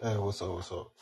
Hey, what's up? What's up?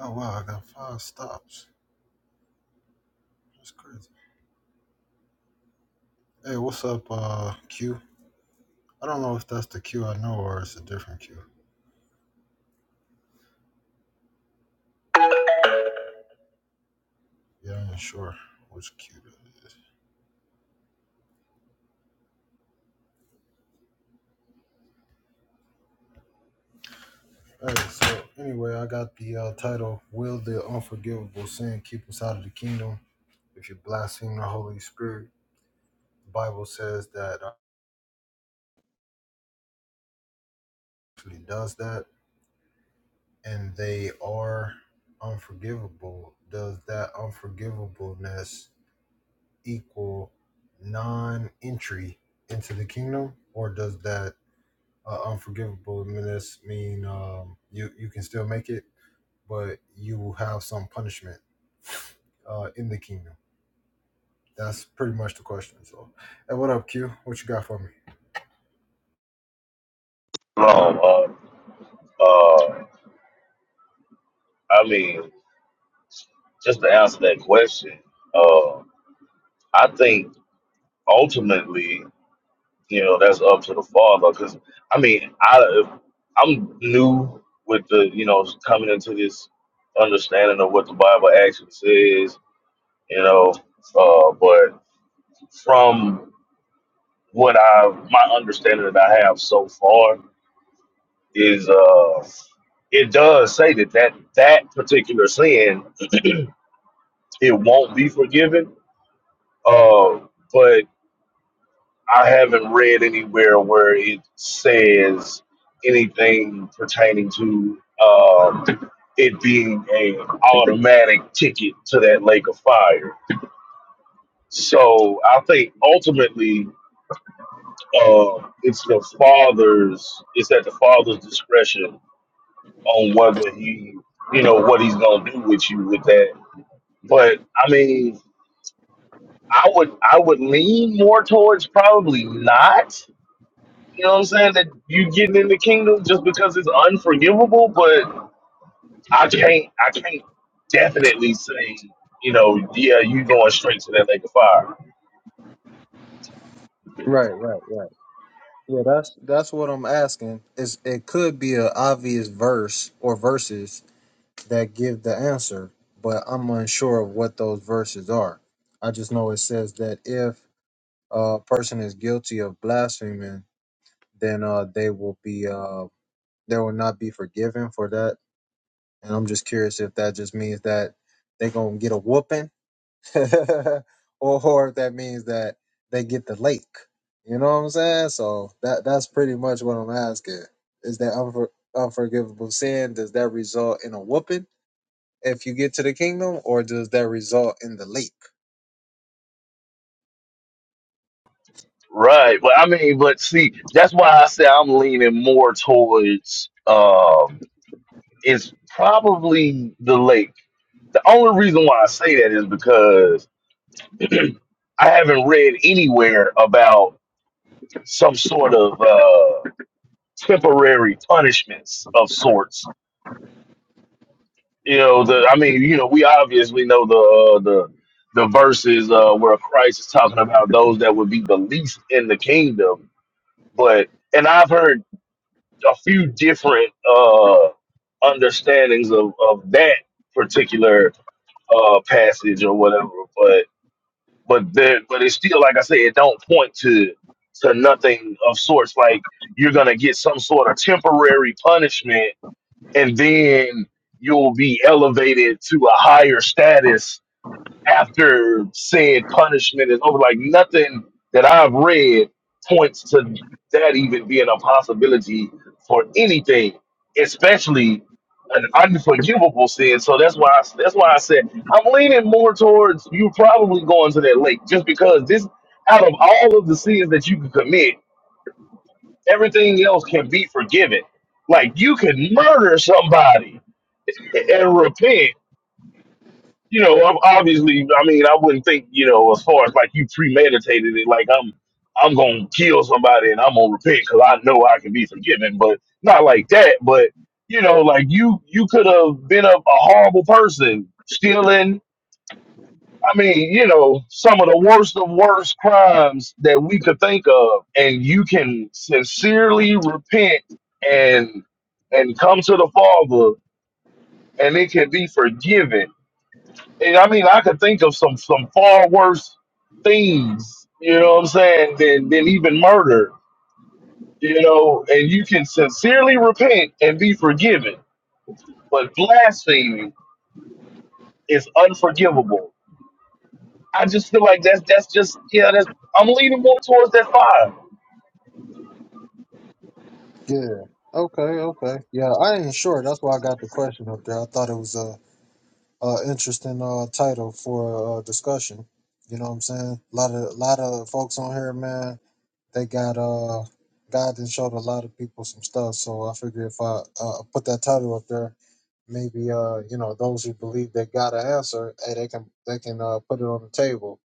Oh wow, I got five stops. That's crazy. Hey, what's up, uh, Q? I don't know if that's the Q I know or it's a different Q. Yeah, I'm not sure which Q that is. Hey, so anyway, I got the uh, title: "Will the Unforgivable Sin Keep Us Out of the Kingdom?" If you blaspheme the Holy Spirit, the Bible says that actually does that, and they are unforgivable. Does that unforgivableness equal non-entry into the kingdom, or does that uh, unforgivable menace mean um, you you can still make it, but you will have some punishment uh, in the kingdom? That's pretty much the question. So, hey, what up, Q? What you got for me? Um, uh, uh, I mean, just to answer that question, uh, I think ultimately, you know, that's up to the father. Because I mean, I if I'm new with the, you know, coming into this understanding of what the Bible actually says, you know, uh, but from what I my understanding that I have so far is uh it does say that that that particular sin it won't be forgiven Uh, but I haven't read anywhere where it says anything pertaining to um, it being a automatic ticket to that lake of fire. So I think ultimately uh, it's the father's it's at the father's discretion on whether he you know what he's gonna do with you with that. But I mean I would I would lean more towards probably not You know what I'm saying? That you getting in the kingdom just because it's unforgivable, but I can't I can't definitely say, you know, yeah, you going straight to that lake of fire. Right, right, right. Yeah, that's that's what I'm asking. Is it could be an obvious verse or verses that give the answer, but I'm unsure of what those verses are. I just know it says that if uh, person is guilty of blaspheming, then uh, they will be uh, they will not be forgiven for that. And I'm just curious if that just means that they gonna get a whooping, or, or if that means that they get the lake. You know what I'm saying? So that that's pretty much what I'm asking. Is that unfor- unforgivable sin? Does that result in a whooping if you get to the kingdom, or does that result in the lake? Right. But I mean, but see, that's why I say I'm leaning more towards um it's probably the lake. The only reason why I say that is because I haven't read anywhere about some sort of uh temporary punishments of sorts you know the i mean you know we obviously know the uh, the the verses uh where christ is talking about those that would be the least in the kingdom but and i've heard a few different uh understandings of of that particular uh passage or whatever but but there but it's still like i say it don't point to to nothing of sorts like you're gonna get some sort of temporary punishment and then you'll be elevated to a higher status after said punishment is over. Like nothing that I've read points to that even being a possibility for anything, especially an unforgivable sin. So that's why I, that's why I said I'm leaning more towards you probably going to that lake just because this out of all of the sins that you can commit, everything else can be forgiven. Like you can murder somebody and repent. You know, i obviously, I mean, I wouldn't think, you know, as far as like you premeditated it, like I'm, I'm gonna kill somebody and I'm gonna repent because I know I can be forgiven, but not like that. But you know, like you, you could have been a, a horrible person, stealing. I mean, you know, some of the worst of worst crimes that we could think of, and you can sincerely repent and and come to the Father, and it can be forgiven And I mean, I could think of some some far worse things, you know what I'm saying, than than even murder, you know. And you can sincerely repent and be forgiven, but blasphemy is unforgivable. I just feel like that's that's just yeah. That's I'm leaning more towards that five. Yeah. Okay. Okay. Yeah, I ain't sure. That's why I got the question up there. I thought it was uh, interesting uh, title for uh, discussion. You know what I'm saying? A lot of lot of folks on here, man. They got uh, God done showed a lot of people some stuff. So I figure if I uh, put that title up there, maybe uh, you know, those who believe they got an answer, hey, they can they can uh, put it on the table.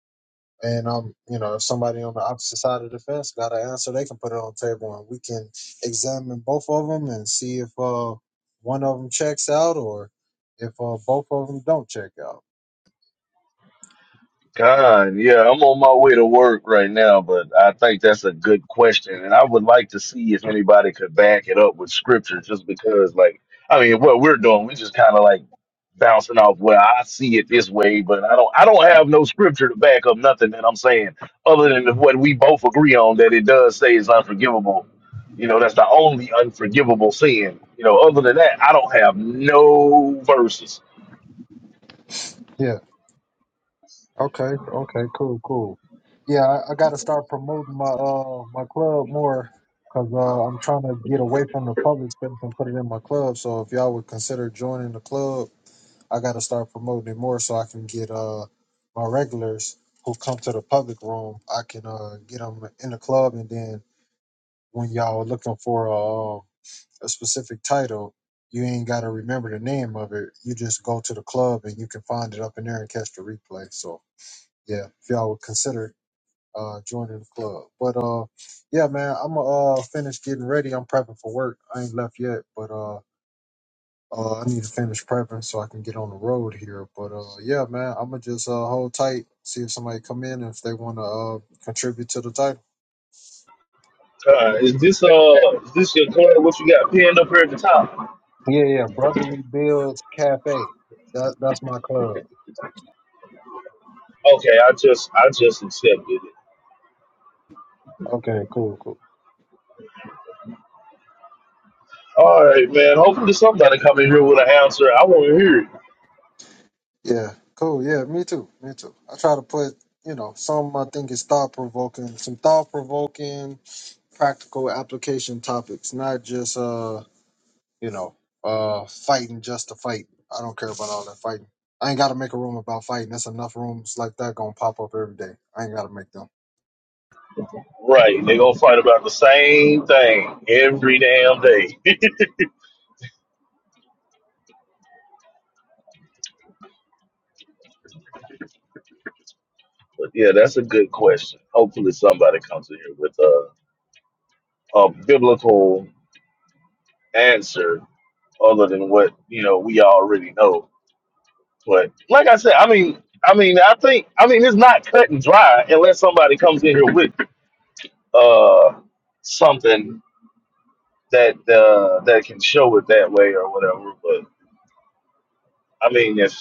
And um, you know, if somebody on the opposite side of the fence got an answer, they can put it on the table, and we can examine both of them and see if uh, one of them checks out or if uh, both of them don't check out. God, yeah, I'm on my way to work right now, but I think that's a good question, and I would like to see if anybody could back it up with scripture, just because, like, I mean, what we're doing, we just kind of like bouncing off. Well, I see it this way, but I don't, I don't have no scripture to back up nothing that I'm saying, other than what we both agree on that it does say is unforgivable. You know, that's the only unforgivable sin. You know, other than that, I don't have no verses. Yeah. Okay. Okay. Cool. Cool. Yeah, I, I got to start promoting my uh my club more because uh, I'm trying to get away from the public space and put it in my club. So if y'all would consider joining the club, I got to start promoting it more so I can get uh my regulars who come to the public room. I can uh get them in the club, and then when y'all are looking for a, uh, a specific title. You ain't got to remember the name of it. You just go to the club and you can find it up in there and catch the replay. So, yeah, if y'all would consider uh, joining the club. But uh, yeah, man, I'm gonna uh, finish getting ready. I'm prepping for work. I ain't left yet, but uh, uh, I need to finish prepping so I can get on the road here. But uh, yeah, man, I'm gonna just uh, hold tight, see if somebody come in and if they wanna uh, contribute to the title. Uh, is this uh is this your card? What you got pinned up here at the top? Yeah, yeah, Brotherly Builds Cafe. That that's my club. Okay, I just I just accepted it. Okay, cool, cool. All right, man. Hopefully somebody come in here with an answer. I want to hear it. Yeah, cool. Yeah, me too, me too. I try to put you know some I think is thought provoking, some thought provoking practical application topics, not just uh, you know, uh fighting just to fight. I don't care about all that fighting. I ain't gotta make a room about fighting. There's enough rooms like that gonna pop up every day. I ain't gotta make them. Right, they gonna fight about the same thing every damn day. but yeah, that's a good question. Hopefully somebody comes in here with a, a biblical answer other than what you know we already know. But like I said, I mean, I mean, I think, I mean, it's not cut and dry unless somebody comes in here with. it. uh something that uh that can show it that way or whatever. But I mean if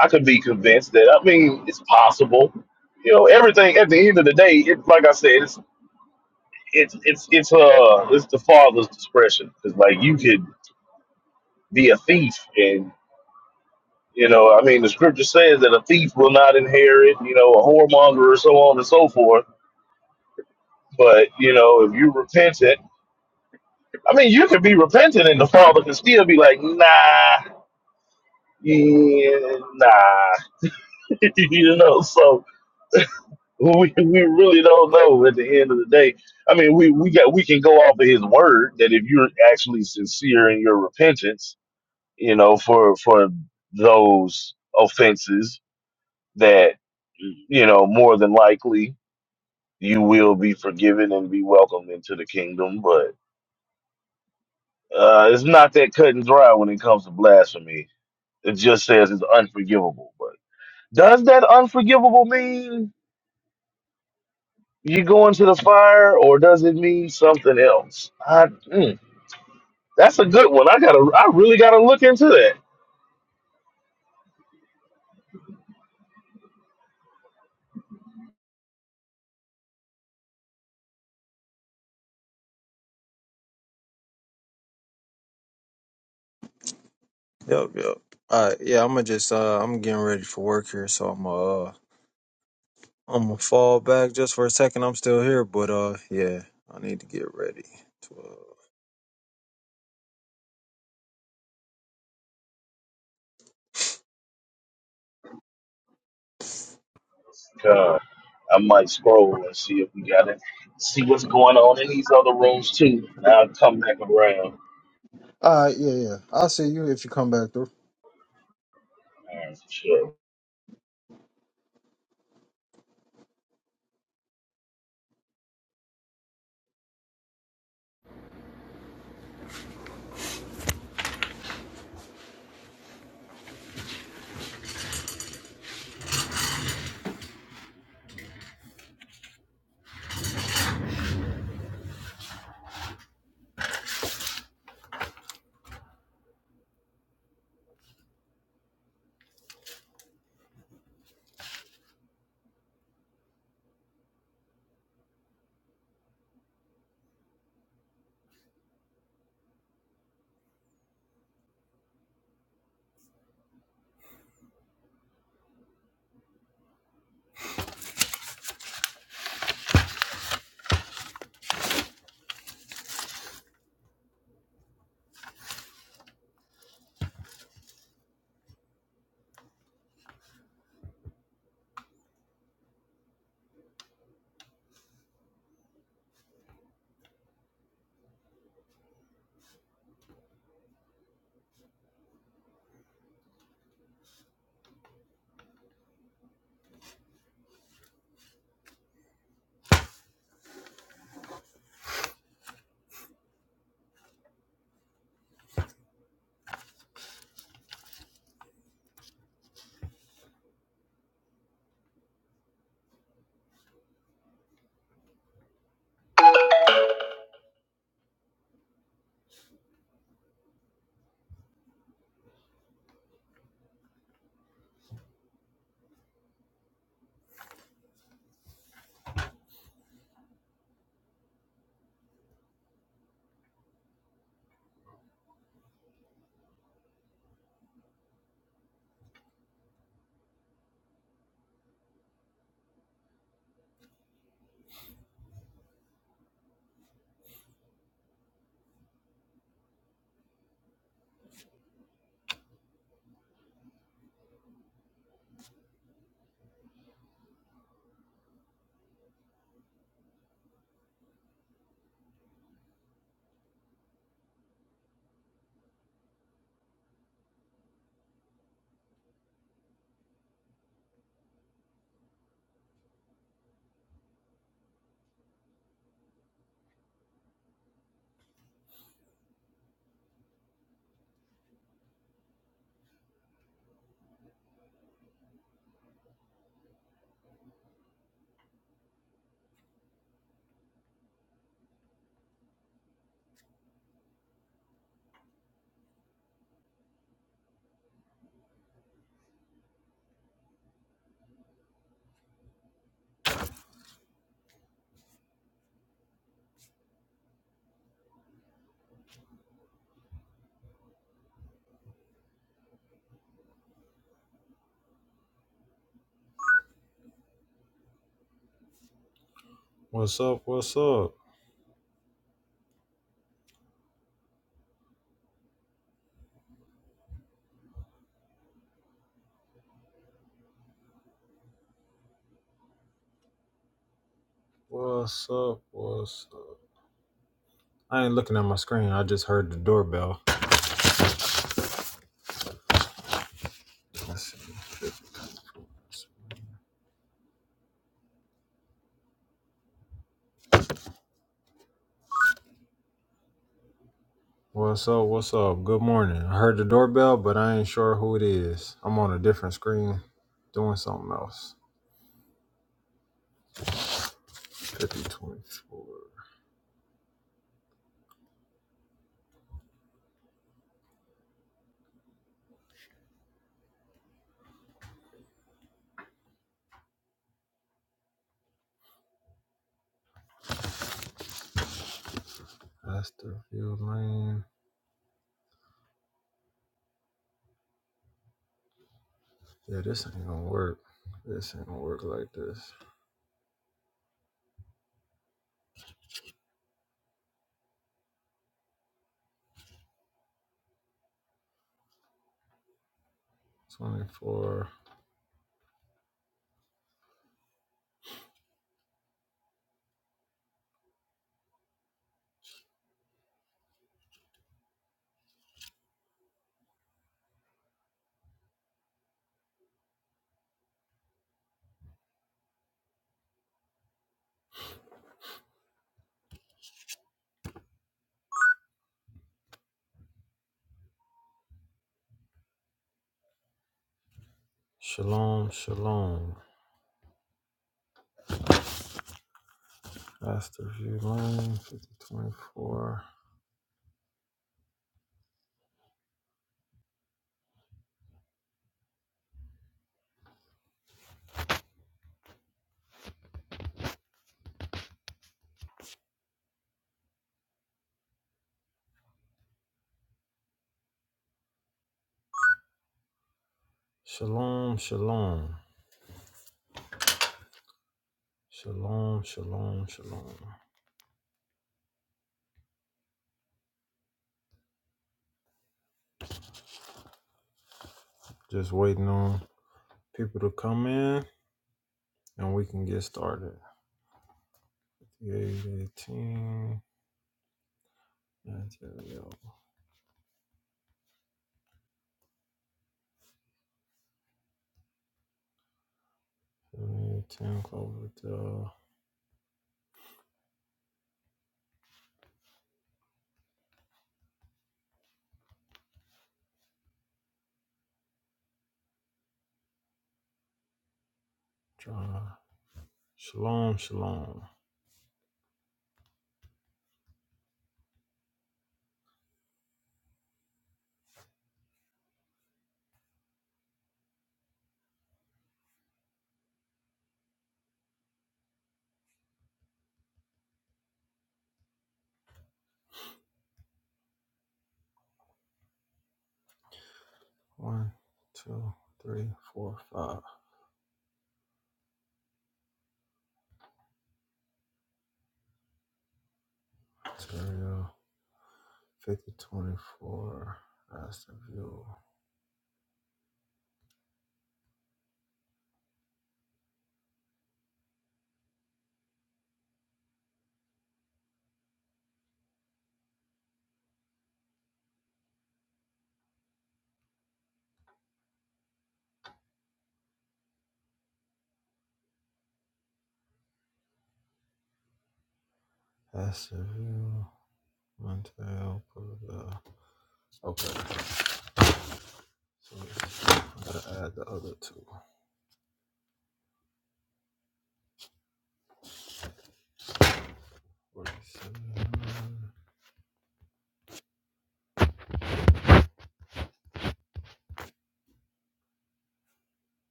I could be convinced that I mean it's possible. You know, everything at the end of the day, it like I said, it's it's it's it's uh it's the father's discretion. because like you could be a thief and you know, I mean the scripture says that a thief will not inherit, you know, a whoremonger or so on and so forth. But, you know, if you repent it, I mean you could be repentant and the father can still be like, nah, Yeah, nah, you know, so we we really don't know at the end of the day. I mean, we we got we can go off of his word that if you're actually sincere in your repentance, you know, for for those offenses that you know more than likely you will be forgiven and be welcomed into the kingdom. But uh, it's not that cut and dry when it comes to blasphemy. It just says it's unforgivable. But does that unforgivable mean? you go into the fire, or does it mean something else? I, mm, that's a good one. I gotta, I really gotta look into that. Yep, yep. All right, yeah, I'm gonna just uh, I'm getting ready for work here, so I'm uh, I'm gonna fall back just for a second. I'm still here, but uh, yeah, I need to get ready to. Uh... God, I might scroll and see if we got it. See what's going on in these other rooms too. And I'll come back around. All right, yeah, yeah. I'll see you if you come back through. All right, sure. What's up? What's up?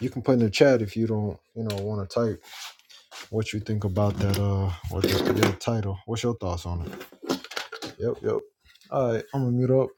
you can put in the chat if you don't, you know, want to type what you think about that. Uh, what the, that title? What's your thoughts on it? All right, I'm gonna mute up.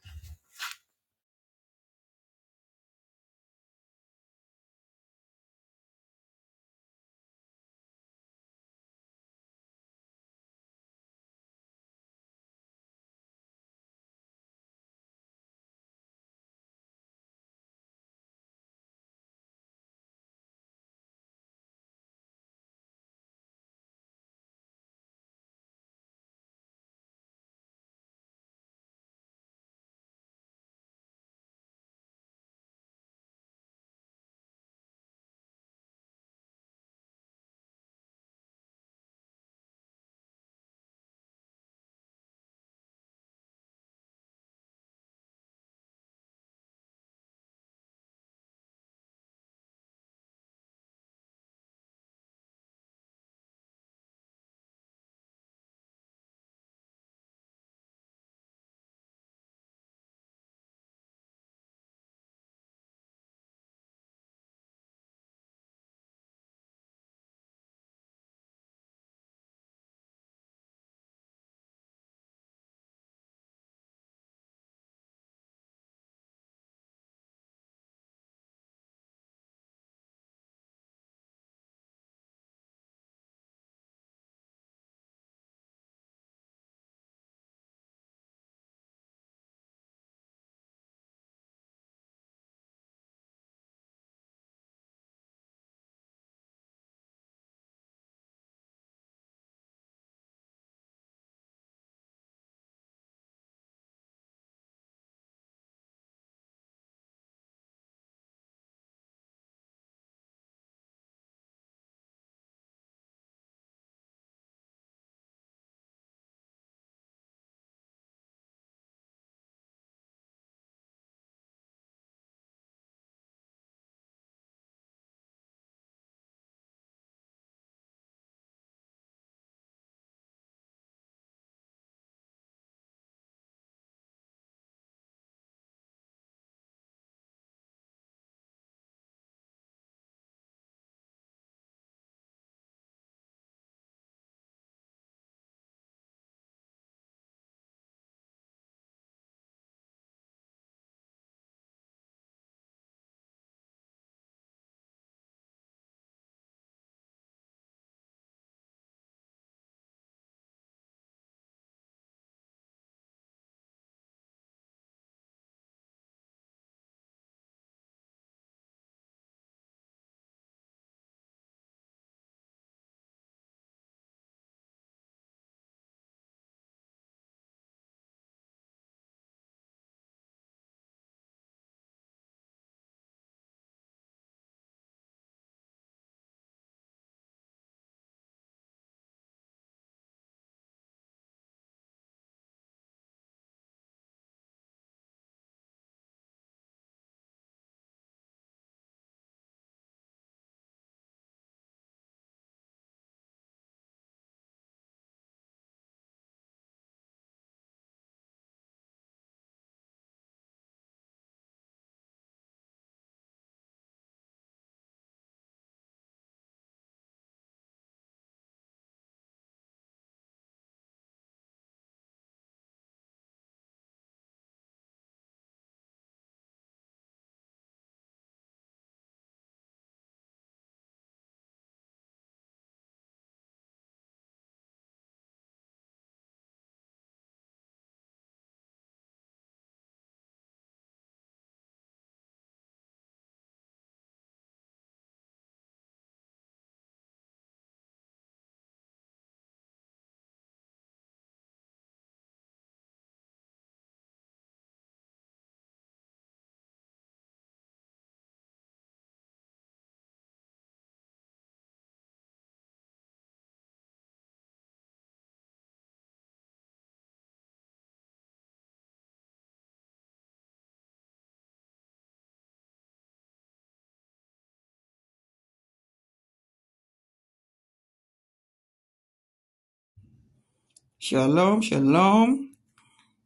Shalom, shalom.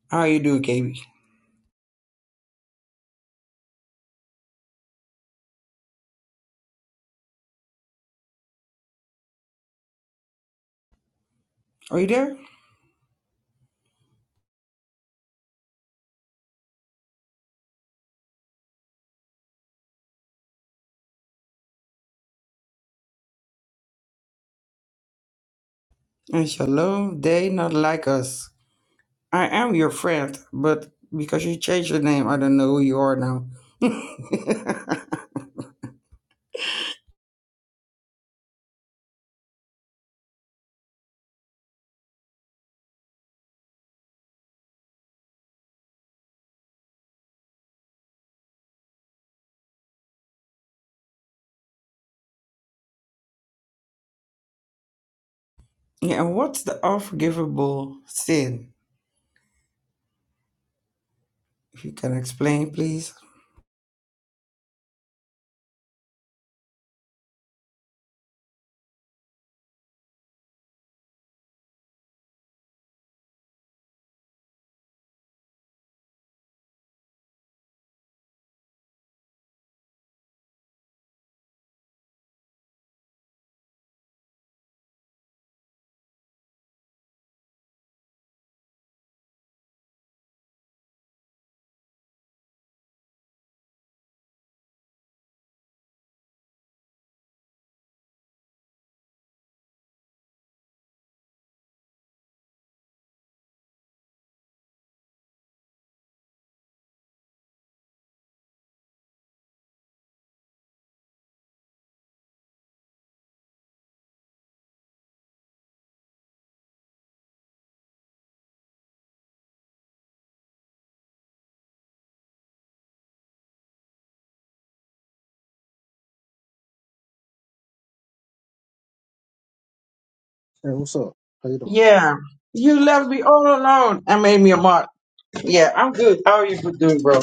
How are you doing, KB? Are you there? And shalom, they not like us. I am your friend, but because you changed your name, I don't know who you are now. yeah, and what's the unforgivable sin? If you can explain, please. Hey, what's up? How you doing? Yeah. You left me all alone and made me a mark. Yeah, I'm good. How are you doing, bro?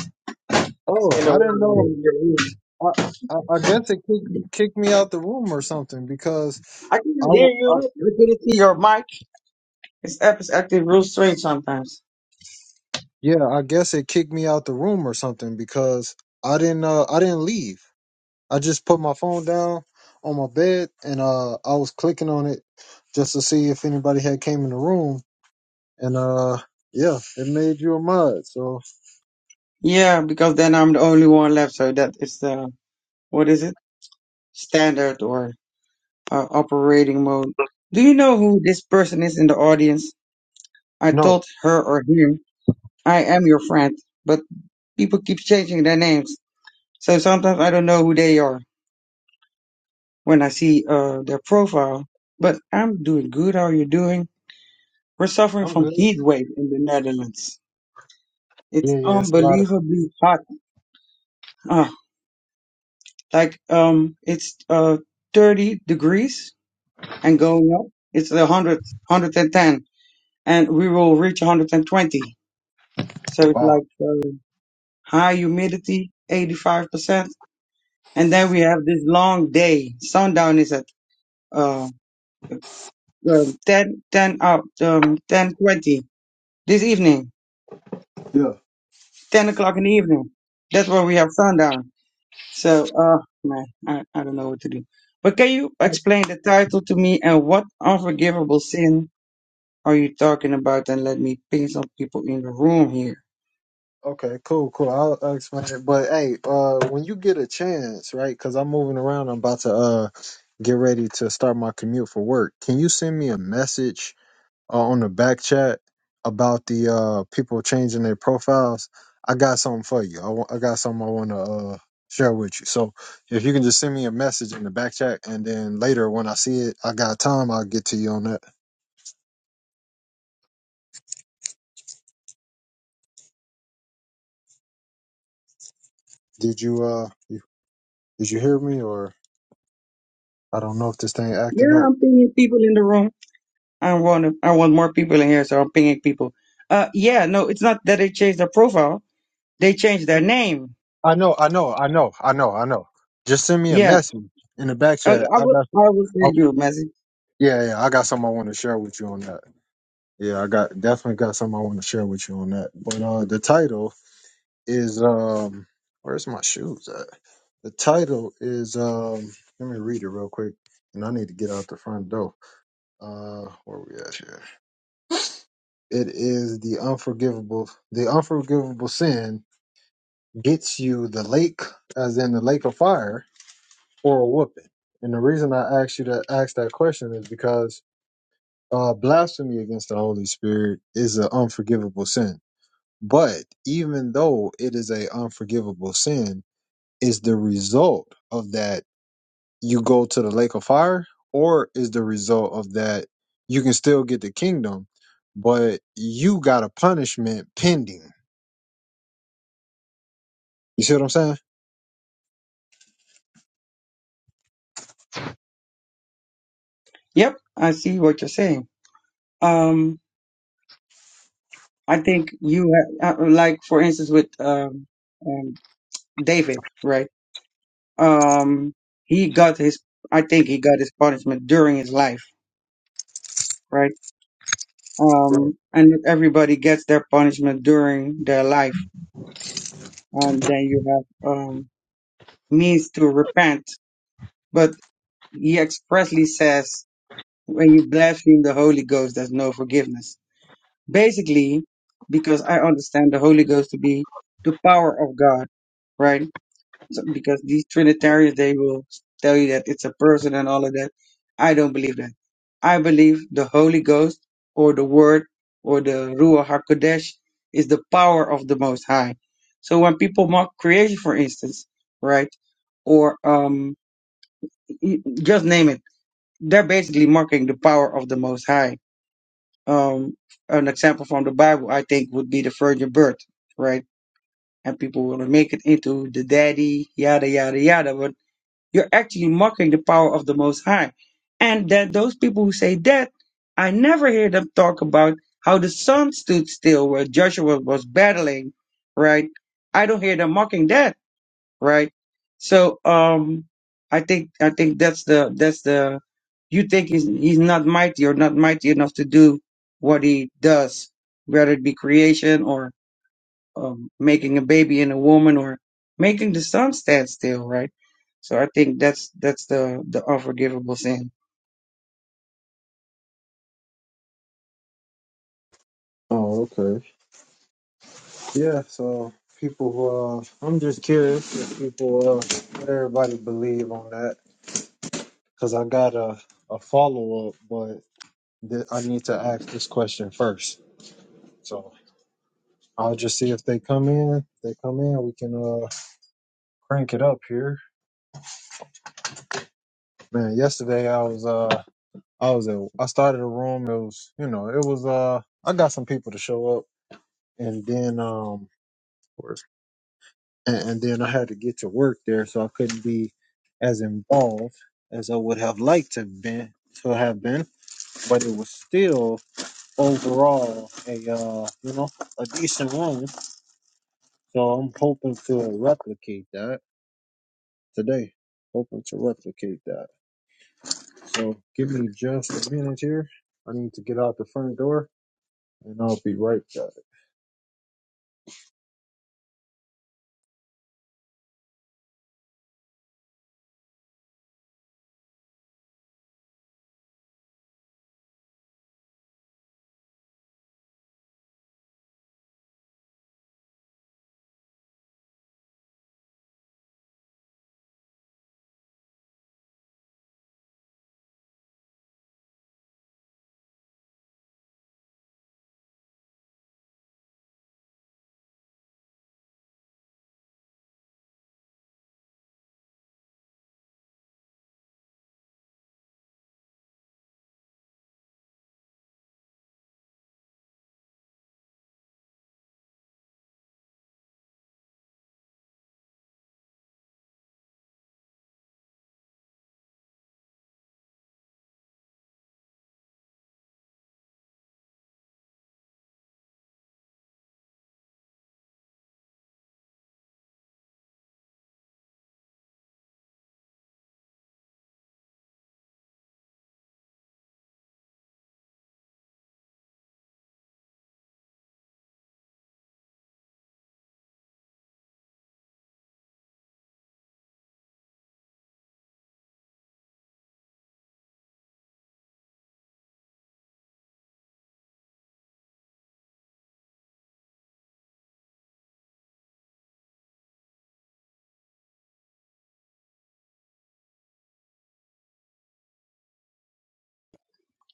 Oh, You know, well, I didn't I'm know. in your room. I I, I guess it kicked kicked me out the room or something because I I, couldn't hear w- I- you. I couldn't see your mic. This app is acting real strange sometimes. yeah, I guess it kicked me out the room or something because I didn't uh I didn't leave. I just put my phone down on my bed and uh I was clicking on it just to see if anybody had came in the room And uh, yeah, it made you a mod. So Yeah, because then I'm the only one left, so that is the, what is it? Standard or uh, operating mode. Do you know who this person is in the audience? I no, told her or him, I am your friend, but people keep changing their names. So sometimes I don't know who they are when I see uh, their profile. But I'm doing good. How are you doing? We're suffering I'm from good. heat wave in the Netherlands. It's Yeah, yeah, it's a lot of unbelievably hot. Ah, like um, it's uh 30 degrees and going up. It's the hundred, hundred and ten, and we will reach 120. So it's wow. like uh, high humidity, 85%. And then we have this long day. Sundown is at uh, um, 10, 10, up, um, 10 twenty this evening, Yeah. 10 o'clock in the evening. That's where we have sundown. So, uh, man, I, I don't know what to do. But can you explain the title to me and what unforgivable sin Are you talking about? Then let me ping some people in the room here. Okay, cool, cool. I'll, I'll explain it. But hey, uh, when you get a chance, right? Because I'm moving around. I'm about to uh get ready to start my commute for work. Can you send me a message uh, on the back chat about the uh, people changing their profiles, I got something for you. I wa- I got something I want to uh, share with you. So if you can just send me a message in the back chat, and then later when I see it, I got time. I'll get to you on that. Did you uh you, did you hear me or I don't know if this thing acting Yeah, up. I'm pinging people in the room. I want to, I want more people in here, so I'm pinging people. Uh, yeah, no, it's not that they changed their profile. They changed their name. I know, I know, I know, I know, I know. Just send me a Yeah, message in the back Oh, chat. I I will, got. I will Oh, send you a message. yeah, yeah, I got something I want to share with you on that. Yeah, I got definitely got something I want to share with you on that. But uh, the title is um where's my shoes at? The title is um let me read it real quick and I need to get out the front door. Uh where we at here? It is the unforgivable the unforgivable sin gets you the lake as in the lake of fire or a whooping. And the reason I asked you to ask that question is because uh blasphemy against the Holy Spirit is an unforgivable sin. But even though it is a unforgivable sin, is the result of that you go to the lake of fire or is the result of that you can still get the kingdom but you got a punishment pending you see what i'm saying Yep, I see what you're saying. Um, I think you ha- uh, like, for instance, with um, um, David, right? Um, he got his, I think he got his punishment during his life, right? Right. um, and everybody gets their punishment during their life, and then you have um, means to repent. But he expressly says, when you blaspheme the Holy Ghost, there's no forgiveness. Basically, because I understand the Holy Ghost to be the power of God, right? So- because these Trinitarians they will tell you that it's a person and all of that. I don't believe that. I believe the Holy Ghost or the Word or the Ruach Hakodesh is the power of the Most High. So when people mock creation, for instance, right, or um, y- just name it, they're basically mocking the power of the Most High. Um, an example from the Bible, I think, would be the virgin birth, right? And people will make it into the daddy, yada yada yada. You're actually mocking the power of the Most High. And that those people who say that, I never hear them talk about how the sun stood still where Joshua was battling, right? I don't hear them mocking that, right? So um I think I think that's the that's the you think he's he's not mighty or not mighty enough to do what he does, whether it be creation um, making a baby in a woman or making the sun stand still, right? So I think that's that's the the unforgivable sin. oh okay yeah so people who, uh i'm just curious if people uh what everybody believe on that because i got a, a follow-up but th- i need to ask this question first so i'll just see if they come in if they come in we can uh crank it up here Man, yesterday I was uh I was at I started a room. It was you know it was uh I got some people to show up, and then um and, and then I had to get to work there, so I couldn't be as involved as I would have liked to have been to have been, but it was still overall a uh you know a decent room. So I'm hoping to replicate that today. Hoping to replicate that. So give me just a minute here. I need to get out the front door and I'll be right back.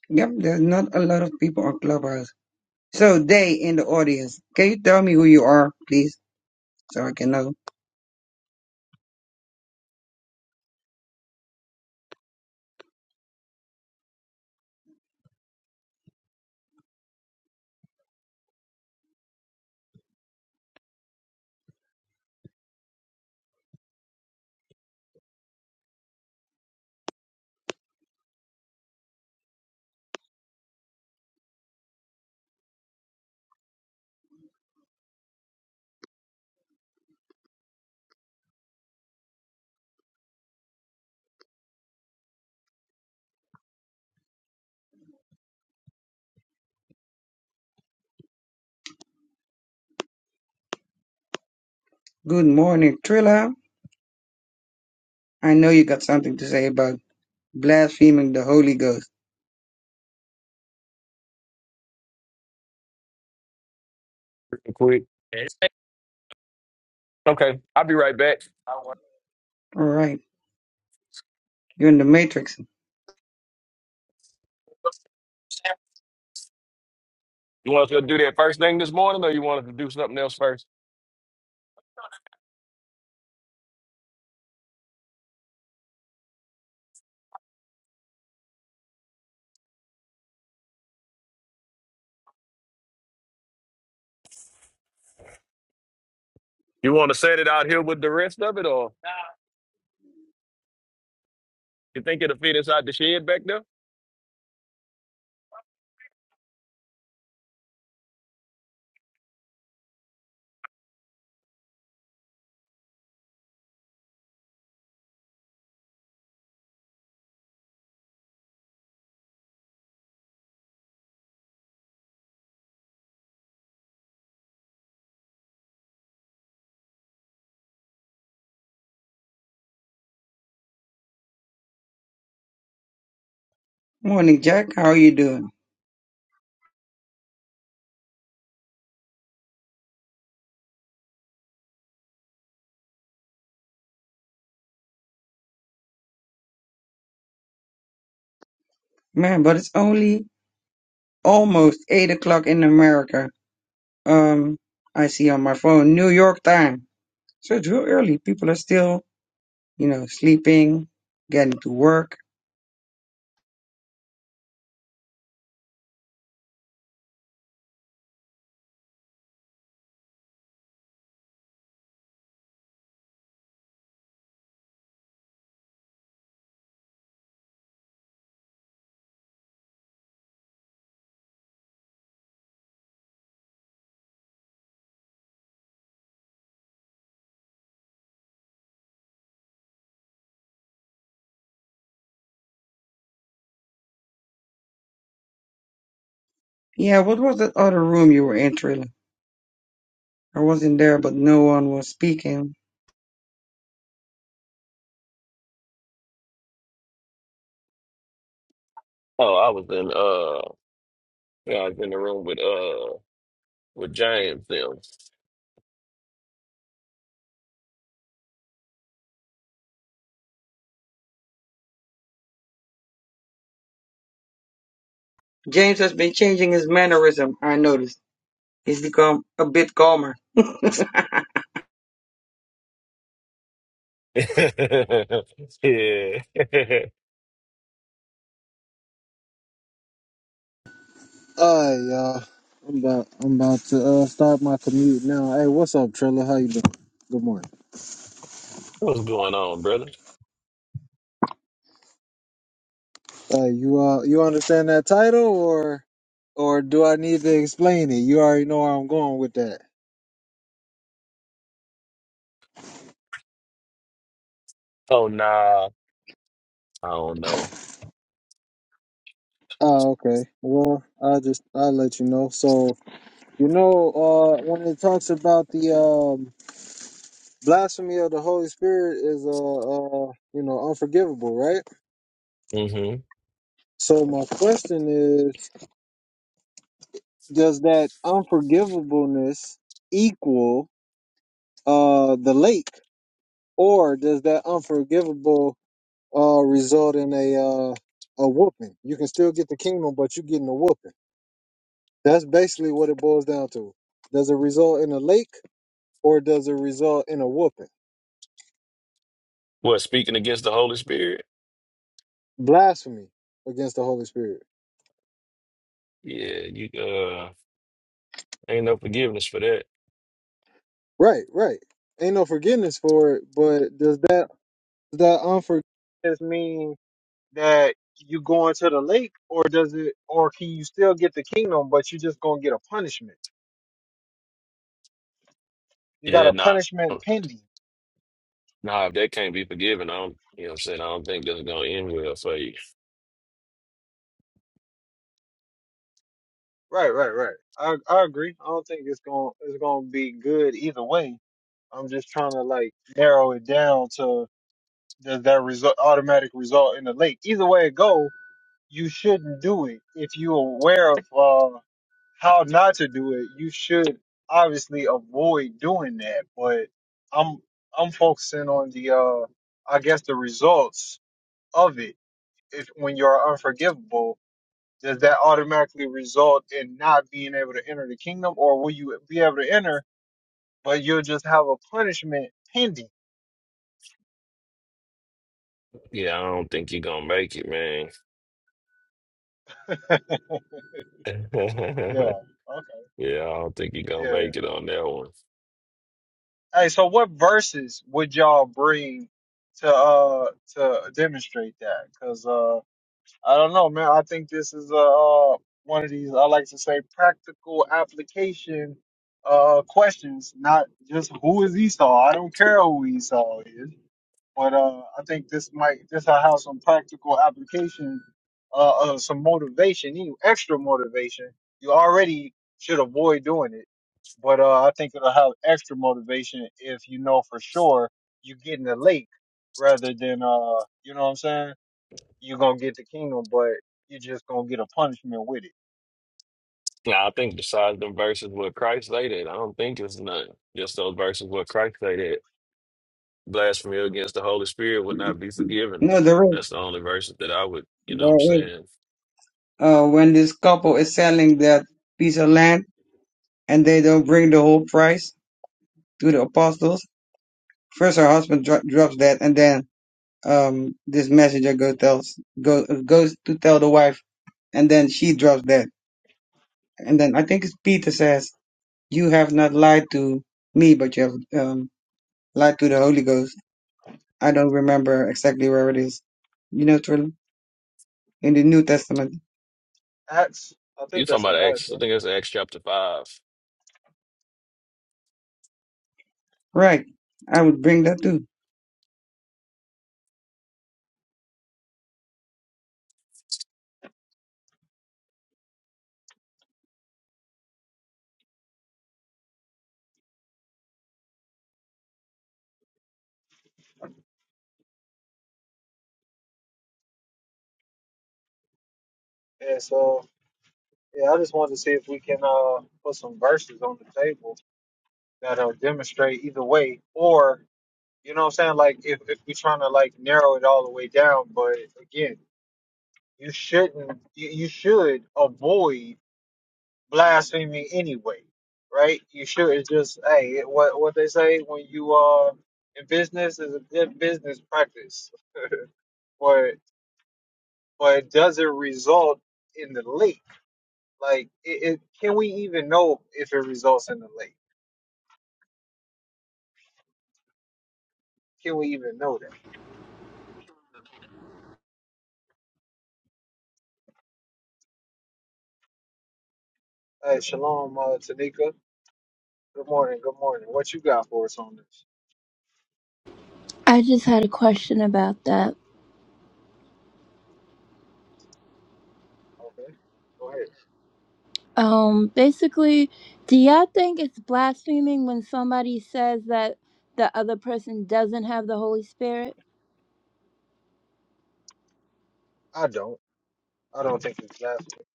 Yep, there's not a lot of people on Clubhouse. So they in the audience, can you tell me who you are, please, so I can know? Good morning, Trilla. I know you got something to say about blaspheming the Holy Ghost. quick. Okay, I'll be right back. All right, you're in the Matrix. You want us to do that first thing this morning, or you want us to do something else first? You want to set it out here with the rest of it, or you think it'll fit inside the shed back there? Morning, Jack. How are you doing, man? But it's only almost eight o'clock in America um I see on my phone New York time. So it's real early. People are still, you know, sleeping, getting to work. Yeah, what was the other room you were in, Trilla? I wasn't there, but no one was speaking. Oh, I was in uh, yeah, I was in the room with uh, with James. Them. James has been changing his mannerism, I noticed. He's become a bit calmer. no, yeah. All right, y'all. I'm about I'm about to uh, start my commute now. Hey, what's up, Trilla? How you doing? Good morning. What's going on, brother? Uh, you uh, you understand that title, or or do I need to explain it? You already know where I'm going with that. Oh, nah. I don't know. Oh, okay. Well, I'll just I'll let you know. So you know, uh, when it talks about the um blasphemy of the Holy Spirit is uh, uh you know unforgivable, right? Mm-hmm. So my question is. does that unforgivableness equal uh the lake or does that unforgivable uh result in a uh a whooping you can still get the kingdom but you're getting a whooping that's basically what it boils down to does it result in a lake or does it result in a whooping What speaking against the Holy Spirit? blasphemy against the holy spirit Yeah, you uh, ain't no forgiveness for that. right right ain't no forgiveness for it but does that that unforgiveness mean that you go into the lake or does it or can you still get the kingdom but you just gonna get a punishment you got Yeah, a no, nah, punishment pending nah, if that can't be forgiven, I don't, you know what I'm saying? I don't think this is gonna end well for you. right right right i, I agree i don't think it's gonna it's gonna be good either way i'm just trying to like narrow it down to does that result automatic result in the lake either way it goes you shouldn't do it. If you're aware of uh, how not to do it, you should obviously avoid doing that. But I'm I'm focusing on the uh, I guess the results of it. If when you're unforgivable, does that automatically result in not being able to enter the kingdom, or will you be able to enter, but you'll just have a punishment pending? Yeah, I don't think you're gonna make it, man. Yeah. Okay. Yeah, I don't think you're gonna Yeah. yeah. make it on that one. Hey, so what verses would y'all bring to uh to demonstrate that? Because I don't know, man. I think this is uh, uh, one of these, I like to say, practical application uh, questions, not just who is Esau. I don't care who Esau is, but uh, I think this might this will have some practical application, uh, uh, some motivation, even extra motivation. You already should avoid doing it, but uh, I think it'll have extra motivation if you know for sure you're getting a lake rather than uh, you know what I'm saying you're gonna get the kingdom, but you're just gonna get a punishment with it. Now, I think besides them verses where Christ say that, I don't think it's nothing. Just those verses where Christ say that blasphemy against the Holy Spirit would not be forgiven. there is. That's the only verses that I would, you know what I'm There is. saying? Uh, when this couple is selling that piece of land and they don't bring the whole price to the apostles, first her husband dro- drops that, and then um this messenger go tells go goes to tell the wife and then she drops dead and then i think it's peter says you have not lied to me but you have um lied to the holy ghost i don't remember exactly where it is you know Trilla, in the new testament Acts, I You think talking that's about an Acts, Acts, I think that's Acts chapter five. right i would bring that too right? And so, yeah, I just wanted to see if we can uh, put some verses on the table that'll demonstrate either way, or you know what I'm saying? Like, if, if we're trying to like narrow it all the way down, but again, you shouldn't, you, you should avoid blasphemy anyway, right? You should it's just, hey, what what they say when you are in business is a good business practice. but but it doesn't result in the lake. Like, it, it, can we even know if it results in the lake? Can we even know that? Uh, shalom, uh, Tanika. Good morning. Good morning. What you got for us on this? I just had a question about that. Okay, go ahead. Um, basically, do y'all think it's blaspheming when somebody says that the other person doesn't have the Holy Spirit? I don't. I don't think it's blasphemy,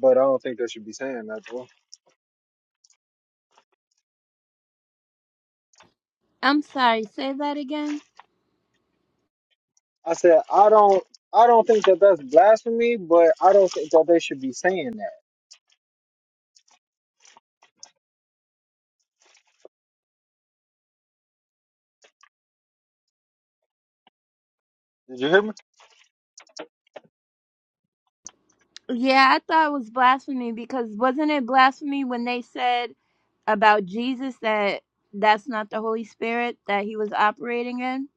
but I don't think they should be saying that. Though. I'm sorry, say that again. I said I don't. I don't think that that's blasphemy, but I don't think that they should be saying that. Did you hear me? Yeah, I thought it was blasphemy because wasn't it blasphemy when they said about Jesus that that's not the Holy Spirit that he was operating in?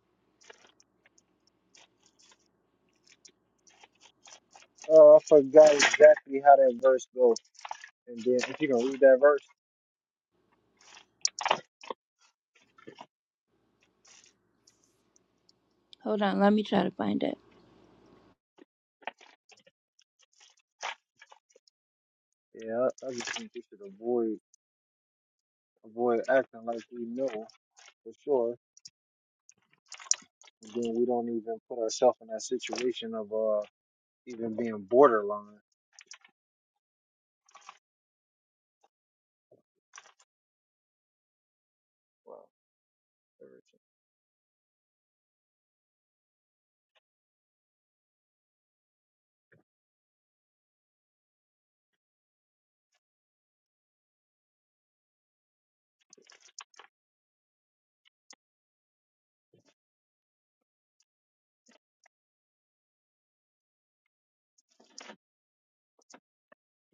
Uh, I forgot exactly how that verse goes. And then if you can read that verse, Hold on, let me try to find it. yeah, I I just think you should avoid. avoid acting like we know for sure, and then we don't even put ourselves in that situation of uh even being borderline. Wow. everything.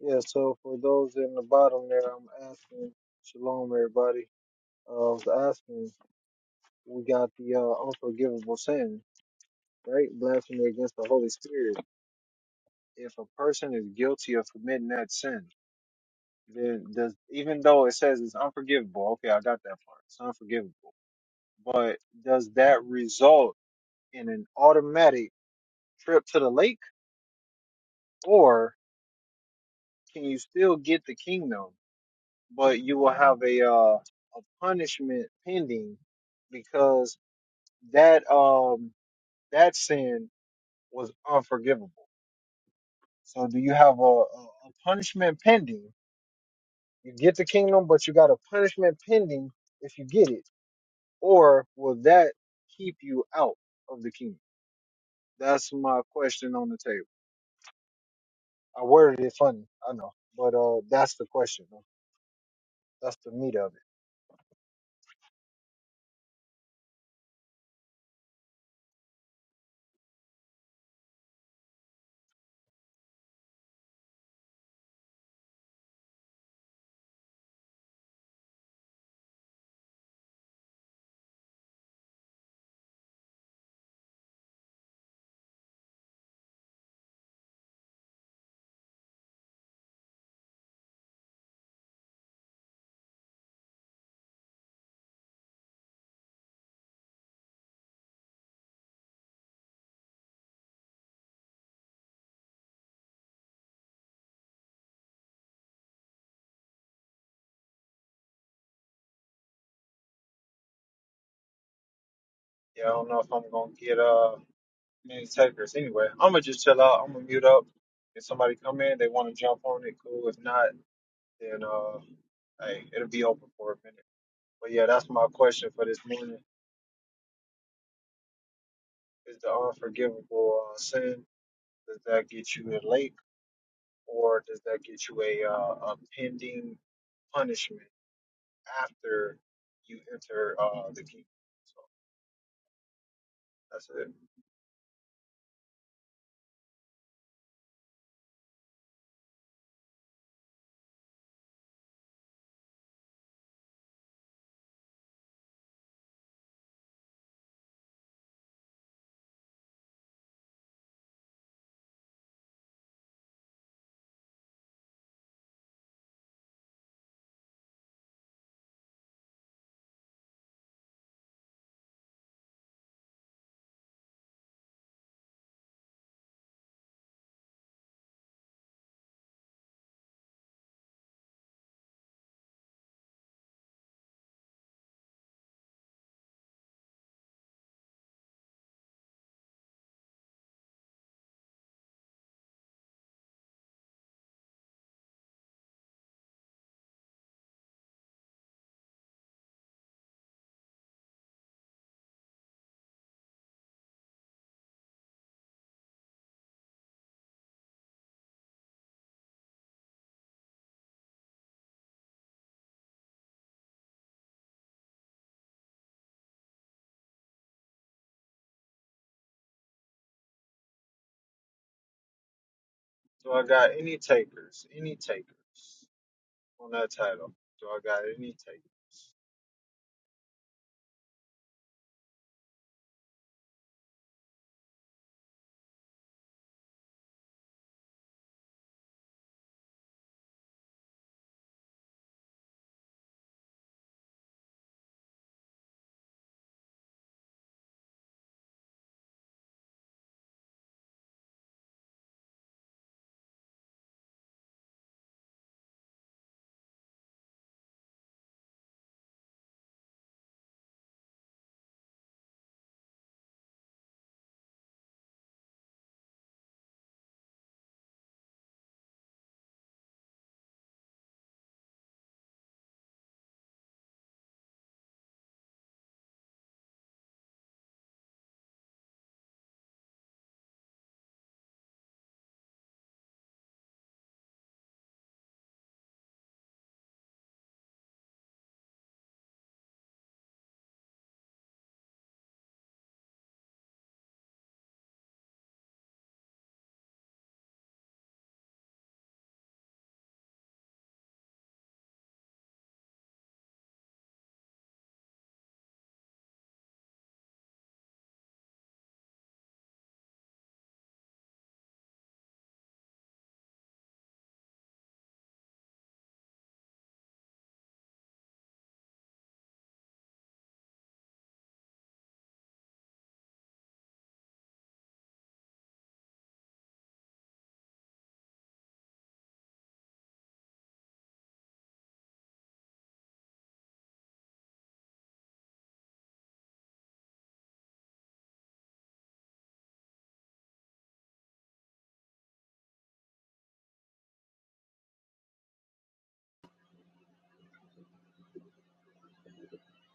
Yeah. So for those in the bottom there, I'm asking shalom, everybody. Uh, I was asking, we got the uh, unforgivable sin, right? Blasphemy against the Holy Spirit. If a person is guilty of committing that sin, then does even though it says it's unforgivable, okay, I got that part. It's unforgivable. But does that result? and an automatic trip to the lake, or can you still get the kingdom, but you will have a uh, a punishment pending because that um that sin was unforgivable. So do you have a, a, a punishment pending? You get the kingdom, but you got a punishment pending if you get it, or will that keep you out of the kingdom? That's my question on the table. I worded it funny, I know, but uh, that's the question. That's the meat of it. Yeah, I don't know if I'm gonna get uh any takers. Anyway, I'm gonna just chill out. I'm gonna mute up. If somebody come in, they want to jump on it, cool. If not, then uh, hey, it'll be open for a minute. But yeah, that's my question for this morning: Is the unforgivable uh, sin? Does that get you a lake, or does that get you a uh, a pending punishment after you enter uh the kingdom? So that's it. So I got any takers? Any takers? on that title. Do I got any takers?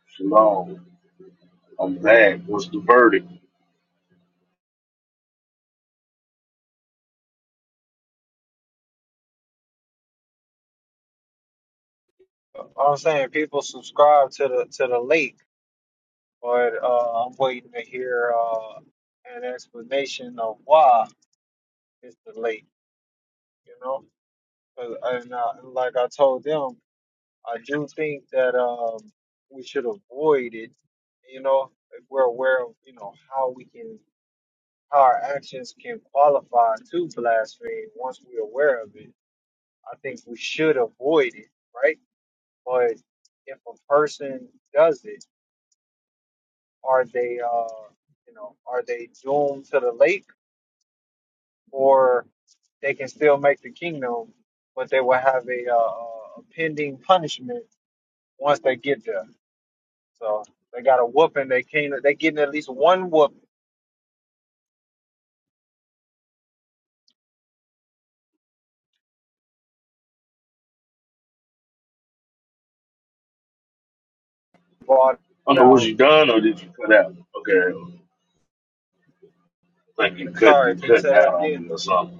Shalom. I'm back. What's the verdict? I'm saying people subscribe to the to the leak, but uh, I'm waiting to hear uh, an explanation of why it's the leak. You know, 'Cause- and uh, like I told them, I do think that um, we should avoid it. You know, if we're aware of you know how we can how our actions can qualify to blaspheme once we're aware of it, I think we should avoid it, right? But if a person does it, are they, uh, you know, are they doomed to the lake, or they can still make the kingdom, but they will have a, uh, a pending punishment once they get there. So they got a whooping. They came. They getting at least one whoop brought I don't know. Was out. you done or did you cut out? Okay, I think you cut. Sorry, You can you cutting say that out on again? me or something.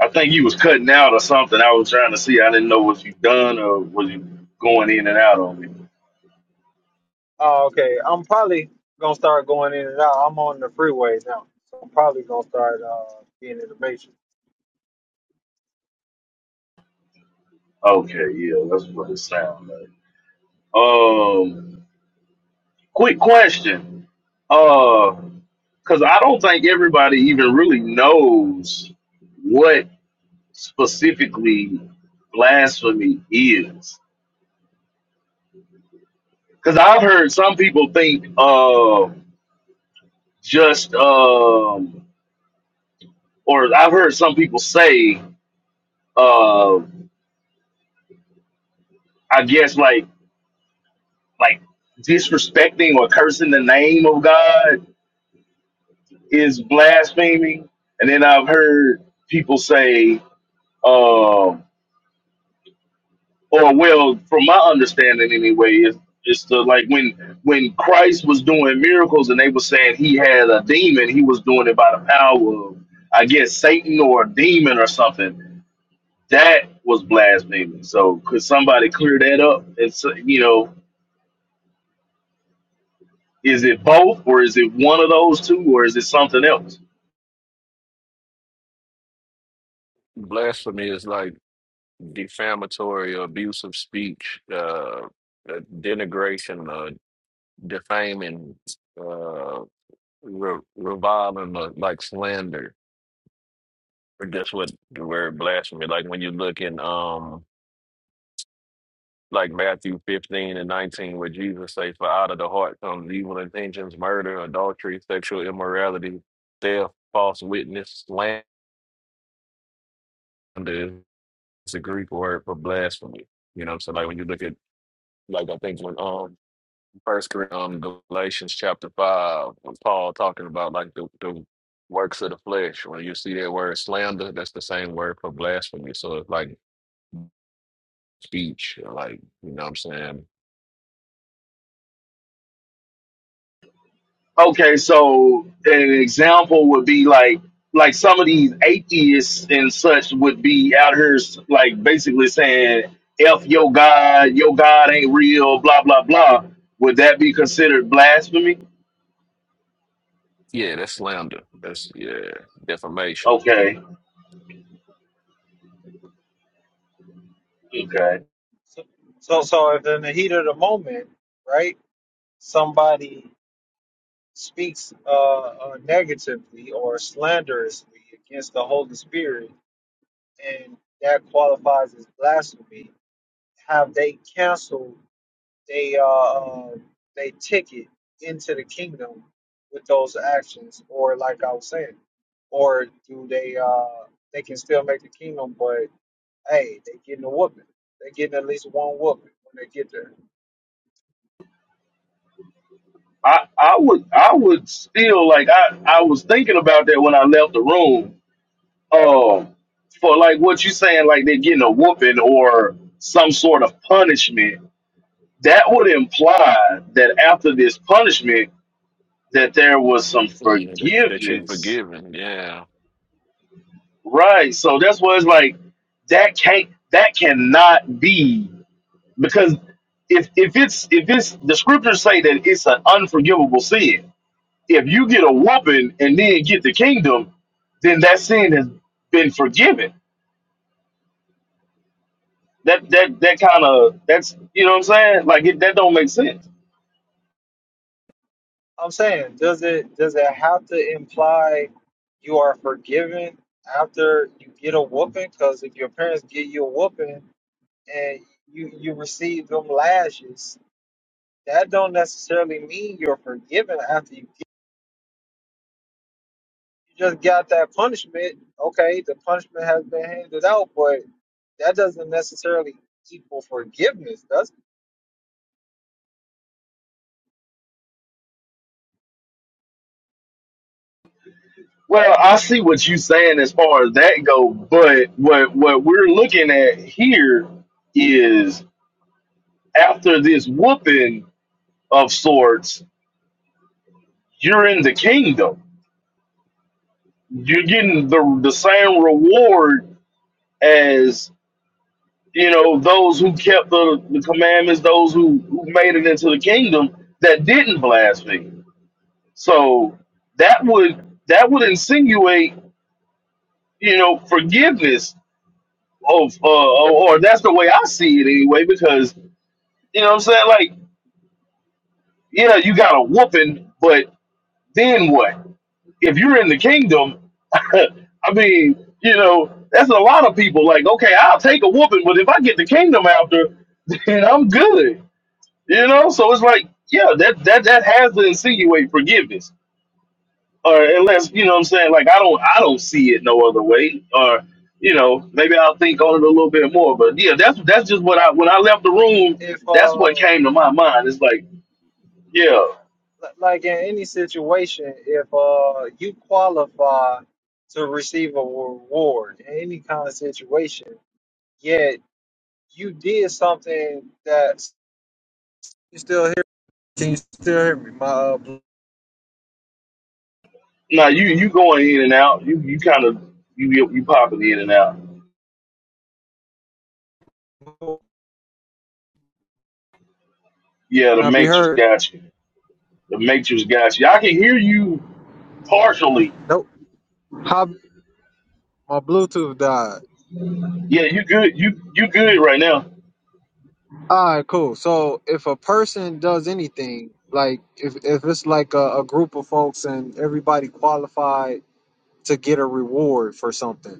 I think you was cutting out or something. I was trying to see. I didn't know was you done or was you going in and out on me. Oh, okay. I'm probably gonna start going in and out. I'm on the freeway now, so I'm probably gonna start uh, being in the matrix. Okay, yeah, that's what it sounds like. Um, quick question. Uh, because I don't think everybody even really knows what specifically blasphemy is. Because I've heard some people think uh, just, um, or I've heard some people say, uh, I guess like like disrespecting or cursing the name of God is blaspheming. And then I've heard people say, um, or well, from my understanding anyway, is it's the like when when Christ was doing miracles and they were saying he had a demon, he was doing it by the power of I guess Satan or a demon or something. That was blaspheming. So could somebody clear that up? It's you know, is it both or is it one of those two or is it something else? Blasphemy is like defamatory or abusive speech, uh, uh, denigration, uh, defaming, uh, re- reviling, uh, like slander, or just what the word blasphemy. Like when you look in, um, like Matthew 15 and 19, where Jesus say, "For out of the heart comes evil intentions, murder, adultery, sexual immorality, theft, false witness, slander." Is the Greek word for blasphemy. You know, so like when you look at, like I think when um First Corinthians, um, Galatians chapter five, when Paul talking about like the, the works of the flesh. When you see that word slander, that's the same word for blasphemy. So it's like speech, or like you know what I'm saying? Okay, so an example would be like like some of these atheists and such would be out here s- like basically saying F your God, your God ain't real, blah blah blah. Would that be considered blasphemy? Yeah, that's slander. That's yeah, defamation. Okay. Okay. So, so, so if in the heat of the moment, right, somebody speaks uh, uh, negatively or slanderously against the Holy Spirit, and that qualifies as blasphemy, have they canceled they uh, uh, they ticket into the kingdom with those actions, or like I was saying, or do they uh, they can still make the kingdom, but hey, they getting a whooping. They getting at least one whooping when they get there. I, I would I would still like I, I was thinking about that when I left the room. Um for like what you saying, like they're getting a whooping or some sort of punishment that would imply that after this punishment that there was some Yeah, that, that you forgiveness forgiven. Yeah, right so that's why it's like that can't that cannot be because if if it's if it's the scriptures say that it's an unforgivable sin if you get a whooping and then get the kingdom then that sin has been forgiven that that that kind of that's you know what i'm saying like it, that don't make sense I'm saying, does it does it have to imply you are forgiven after you get a whooping? Because if your parents get you a whooping and you you receive them lashes, that don't necessarily mean you're forgiven after you get. You just got that punishment. Okay, the punishment has been handed out, but that doesn't necessarily equal forgiveness, does Well, I see what you're saying as far as that go, but what what we're looking at here is after this whooping of sorts, you're in the kingdom. You're getting the the same reward as you know those who kept the, the commandments, those who, who made it into the kingdom that didn't blaspheme. So that would that would insinuate you know forgiveness of uh, or that's the way I see it anyway. Because you know what I'm saying, like yeah, you got a whooping, but then what? If you're in the kingdom, I mean, you know, that's a lot of people. Like, okay, I'll take a whooping, but if I get the kingdom after, then I'm good. You know, so it's like yeah, that that that has to insinuate forgiveness. or unless you know what I'm saying, like I don't I don't see it no other way, or you know maybe I'll think on it a little bit more. But yeah, that's that's just what I when I left the room, it? If that's what uh came to my mind. It's like yeah, like in any situation, if uh you qualify to receive a reward in any kind of situation, yet you did something that you still hear. Can you still hear me? My uh, bl- now you you going in and out, you you kind of you you you popping in and out. can Yeah, the I be Matrix heard? got you. The Matrix got you. I can hear you partially. Nope. How my Bluetooth died. Yeah, you good. You you good right now. All right, cool. So if a person does anything, like if if it's like a, a group of folks and everybody qualified to get a reward for something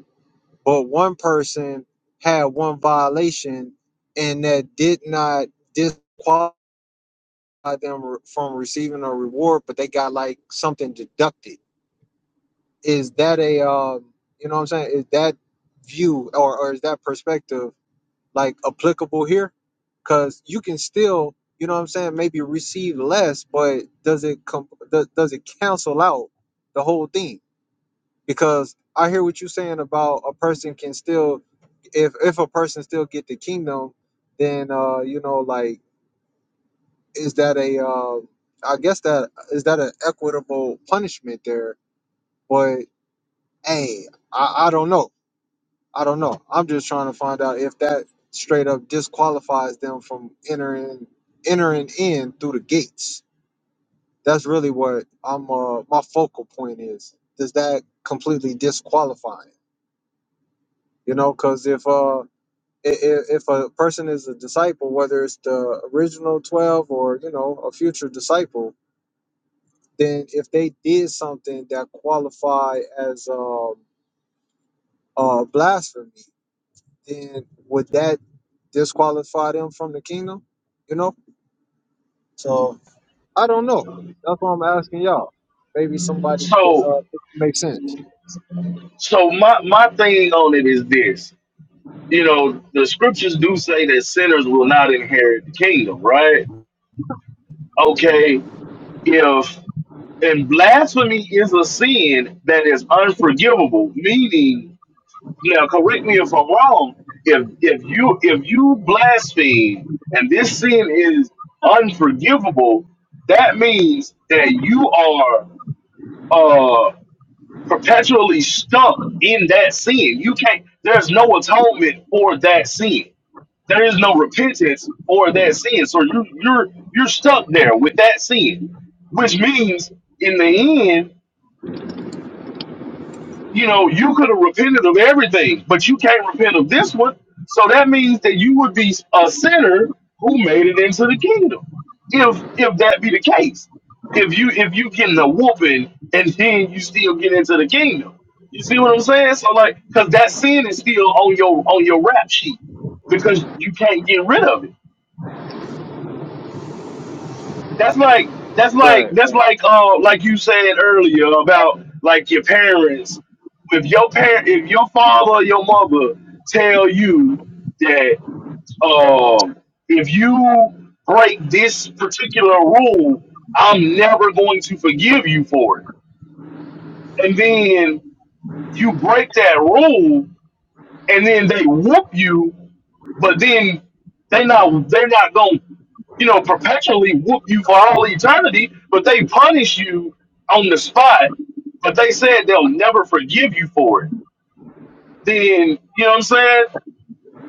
but one person had one violation and that did not disqualify them re- from receiving a reward, but they got like something deducted. Is that a um, you know what I'm saying? Is that view or, or is that perspective like applicable here? Because you can still, you know what I'm saying, maybe receive less, but does it com- does, does it cancel out the whole thing? because I hear what you're saying about a person can still, if if a person still get the kingdom, then uh, you know, like, is that a, uh, I guess that is that an equitable punishment there? But hey, I, I don't know, I don't know. I'm just trying to find out if that straight up disqualifies them from entering entering in through the gates. That's really what I'm. Uh, my focal point is: does that completely disqualify? it? You know, because if uh i- i- if a person is a disciple, whether it's the original 12 or, you know, a future disciple, then if they did something that qualify as um, uh, blasphemy, then would that disqualify them from the kingdom? You know? So I don't know. That's why I'm asking y'all. Maybe somebody can uh, So make sense. so my my thing on it is this. you know, the scriptures do say that sinners will not inherit the kingdom, right? Okay, if and blasphemy is a sin that is unforgivable, meaning now correct me if I'm wrong, if if you if you blaspheme and this sin is unforgivable, that means that you are uh perpetually stuck in that sin. You can't there's no atonement for that sin There is no repentance for that sin. So you you're you're stuck there with that sin. Which means in the end, you know, you could have repented of everything, but you can't repent of this one. So that means that you would be a sinner who made it into the kingdom. If if that be the case. If you if you getting a whooping and then you still get into the kingdom. You see what I'm saying? So like, cause that sin is still on your on your rap sheet because you can't get rid of it. that's like that's like Right, that's right, like uh like you said earlier about like your parents. If your parent, if your father or your mother tell you that um, if you break this particular rule, I'm never going to forgive you for it. And then you break that rule, and then they whoop you but then they not they're not going to you know perpetually whoop you for all eternity but they punish you on the spot but they said they'll never forgive you for it then you know what i'm saying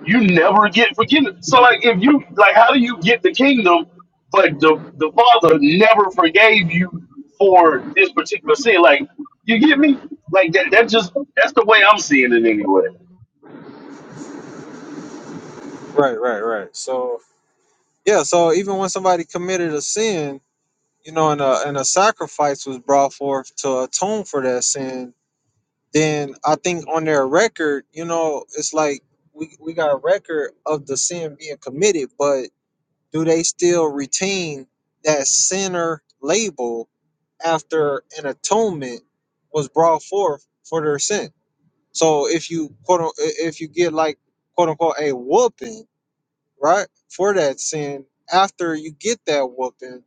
you never get forgiven so like if you like how do you get the kingdom but the the father never forgave you for this particular sin like you get me like that that just that's the way i'm seeing it anyway right, right. right. So, yeah, so even when somebody committed a sin, you know, and a and a sacrifice was brought forth to atone for that sin. Then I think on their record, you know, it's like we we got a record of the sin being committed, but do they still retain that sinner label after an atonement was brought forth for their sin? So if you quote un- i- if you get like quote unquote a whooping, right, for that sin, after you get that whooping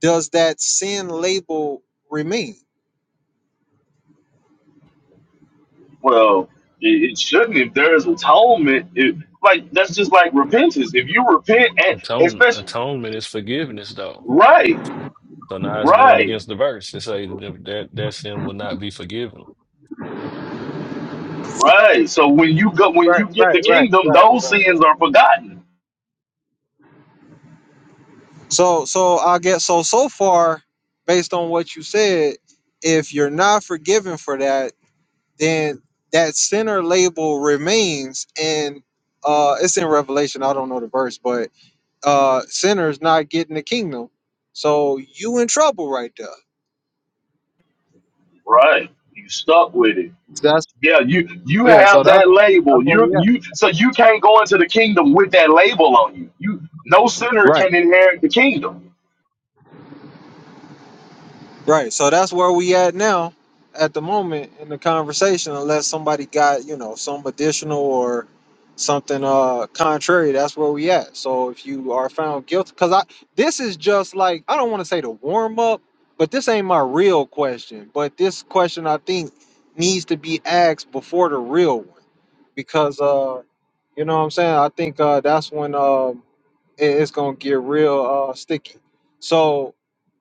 does that sin label remain? Well, it, it shouldn't. If there is atonement, it, like that's just like repentance. If you repent, and atone especially atonement is forgiveness though. right, So now it's going right, against the verse. It says that that that sin will not be forgiven. right. So when you go, when Right, you get right, the right, kingdom, right, those right. sins are forgotten. So so I guess so so far, based on what you said, if you're not forgiven for that, then that sinner label remains and uh it's in Revelation, I don't know the verse, but uh sinners not getting the kingdom. So you in trouble right there. Right, you stuck with it. That's Yeah, you you yeah, so have that's that that's label. what You we at. you so you can't go into the kingdom with that label on you. You no sinner Right. can inherit the kingdom. Right. So that's where we at now at the moment in the conversation, unless somebody got, you know, some additional or something uh contrary, that's where we at. So if you are found guilty, because I this is just like I don't want to say the warm up, but this ain't my real question. But this question I think needs to be asked before the real one. Because uh you know what I'm saying? I think uh that's when um it, it's gonna get real uh sticky. So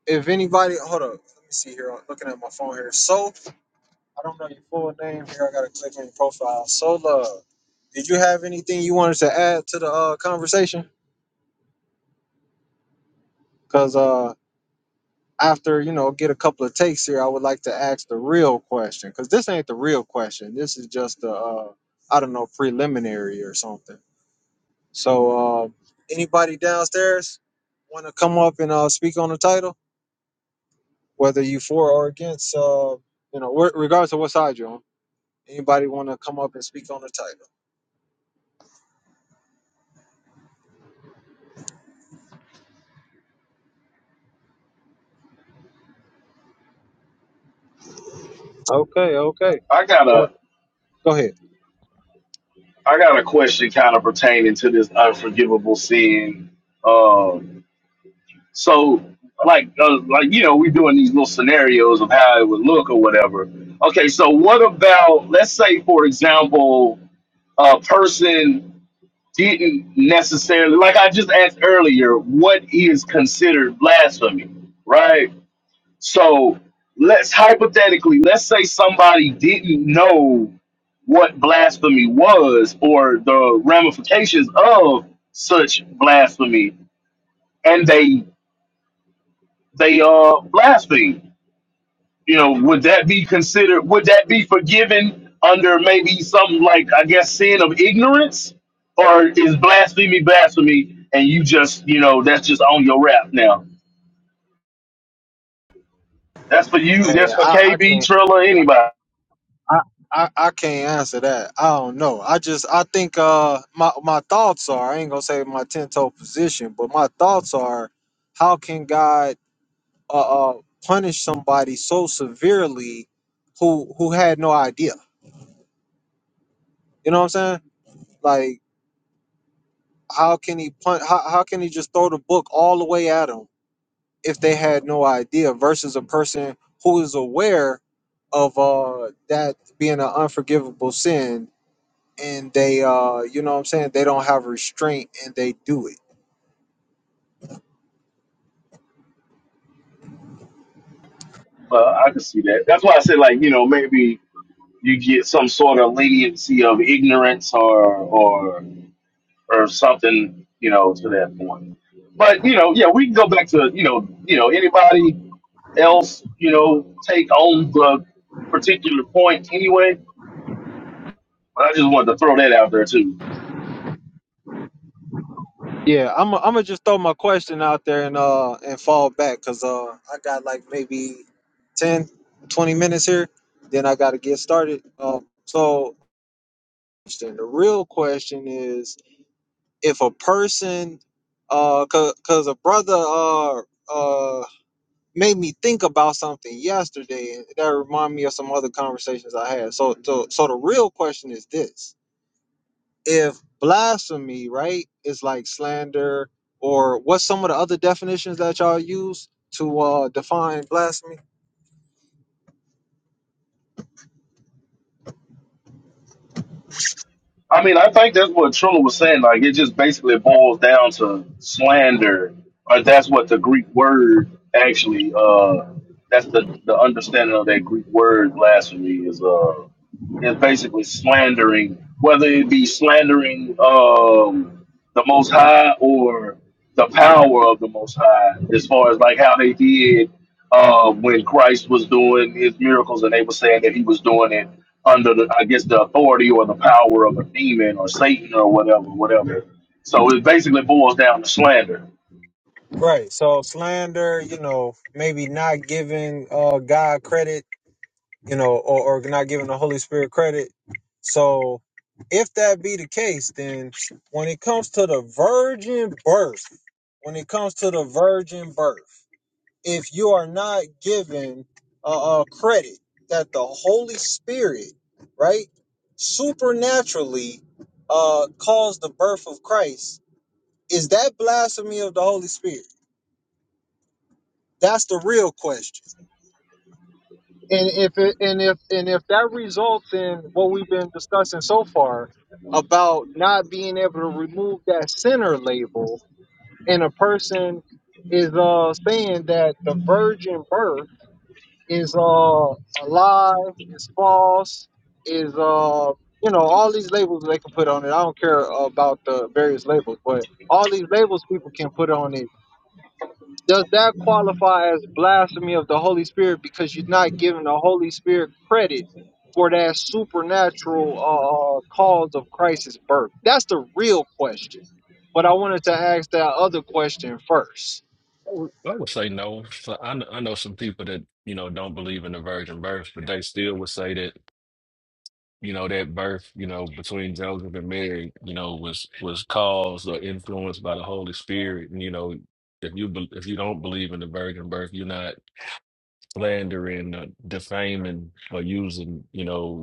if anybody, hold up, let me see here. I'm looking at my phone here. So, I don't know your full name here. I gotta click on your profile. So, love, did you have anything you wanted to add to the uh, conversation? Because uh, after you know, get a couple of takes here, I would like to ask the real question. Because this ain't the real question. This is just the uh, I don't know preliminary or something. So, uh, anybody downstairs want to come up and uh, speak on the title, whether you for or against? Uh, you know, wh- regardless of what side you're on. Anybody want to come up and speak on the title? Okay, okay. I got Well, a Go ahead. I got a question kind of pertaining to this unforgivable sin. Um, So, like, uh, like you know, we're doing these little scenarios of how it would look or whatever. Okay, so what about, let's say, for example, a person didn't necessarily, like I just asked earlier, what is considered blasphemy, right? So, let's hypothetically, let's say somebody didn't know what blasphemy was or the ramifications of such blasphemy, and they they uh blaspheme. you know, would that be considered? Would that be forgiven under maybe something like I guess sin of ignorance, or is blasphemy blasphemy? And you just, you know, that's just on your rap now. That's for you. Hey, That's for I, I KB can't. Triller. Anybody, I, I, I can't answer that. I don't know. I just I think uh my my thoughts are I ain't gonna say my ten toe position, but my thoughts are how can God uh, uh punish somebody so severely who who had no idea? You know what I'm saying? Like how can he pun- how, how can he just throw the book all the way at him? if they had no idea versus a person who is aware of uh that being an unforgivable sin and they uh you know what I'm saying they don't have restraint and they do it. uh, I can see that. That's why I said like, you know, maybe you get some sort of leniency of ignorance or or or something, you know, to that point. But you know, yeah, we can go back to you know, you know, anybody else, you know, take on the particular point anyway. But I just wanted to throw that out there too. Yeah, I'm I'm gonna just throw my question out there and uh and fall back cuz uh I got like maybe 10, 20 minutes here then I got to get started. Um so the real question is if a person uh cuz cause a brother uh, uh made me think about something yesterday that reminded me of some other conversations I had. So so so the real question is this. If blasphemy, right, is like slander or what's some of the other definitions that y'all use to uh define blasphemy? I mean, I think that's what Trilla was saying. Like, it just basically boils down to slander, or that's what the Greek word actually. Uh, that's the the understanding of that Greek word blasphemy is uh is basically slandering, whether it be slandering. Um, the Most High or the power of the Most High, as far as like how they did uh, when Christ was doing his miracles, and they were saying that he was doing it under, the, I guess, the authority or the power of a demon or Satan or whatever, whatever. So it basically boils down to slander. Right. So slander, you know, maybe not giving uh God credit you know, or, or not giving the Holy Spirit credit. So if that be the case, then when it comes to the virgin birth, when it comes to the virgin birth, if you are not given uh, uh, credit that the Holy Spirit, right, supernaturally uh, caused the birth of Christ, is that blasphemy of the Holy Spirit? That's the real question. and if it, and if and if that results in what we've been discussing so far about not being able to remove that sinner label and a person is uh saying that the virgin birth is uh a lie is false is uh you know all these labels they can put on it i don't care about the various labels but all these labels people can put on it does that qualify as blasphemy of the Holy Spirit because you're not giving the Holy Spirit credit for that supernatural uh, cause of Christ's birth? That's the real question. But I wanted to ask that other question first. I would I would say no. So I kn- I know some people that you know don't believe in the virgin birth, but they still would say that you know that birth, you know, between Joseph and Mary, you know, was was caused or influenced by the Holy Spirit. And you know, if you bel- if you don't believe in the virgin birth, you're not slandering, or defaming, or using you know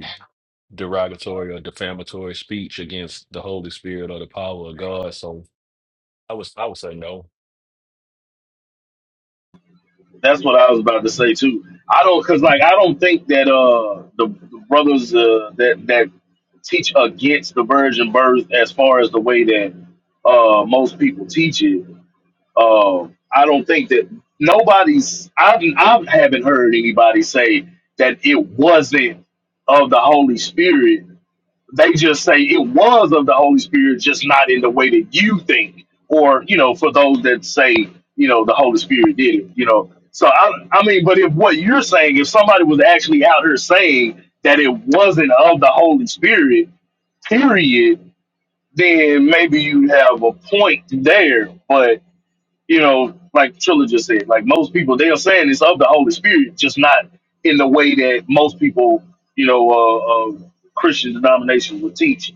derogatory or defamatory speech against the Holy Spirit or the power of God. So I was I would say no. That's what I was about to say too. I don't, cause like I don't think that uh the, the brothers uh, that that teach against the virgin birth as far as the way that uh most people teach it Uh, I don't think that nobody's. I've I haven't heard anybody say that it wasn't of the Holy Spirit. They just say it was of the Holy Spirit, just not in the way that you think, or you know, for those that say you know the Holy Spirit did it, you know. So I, I mean, but if what you're saying, if somebody was actually out here saying that it wasn't of the Holy Spirit, period, then maybe you have a point there. But you know, like Trilla just said, like most people, they are saying it's of the Holy Spirit, just not in the way that most people, you know, uh, uh, Christian denominations would teach.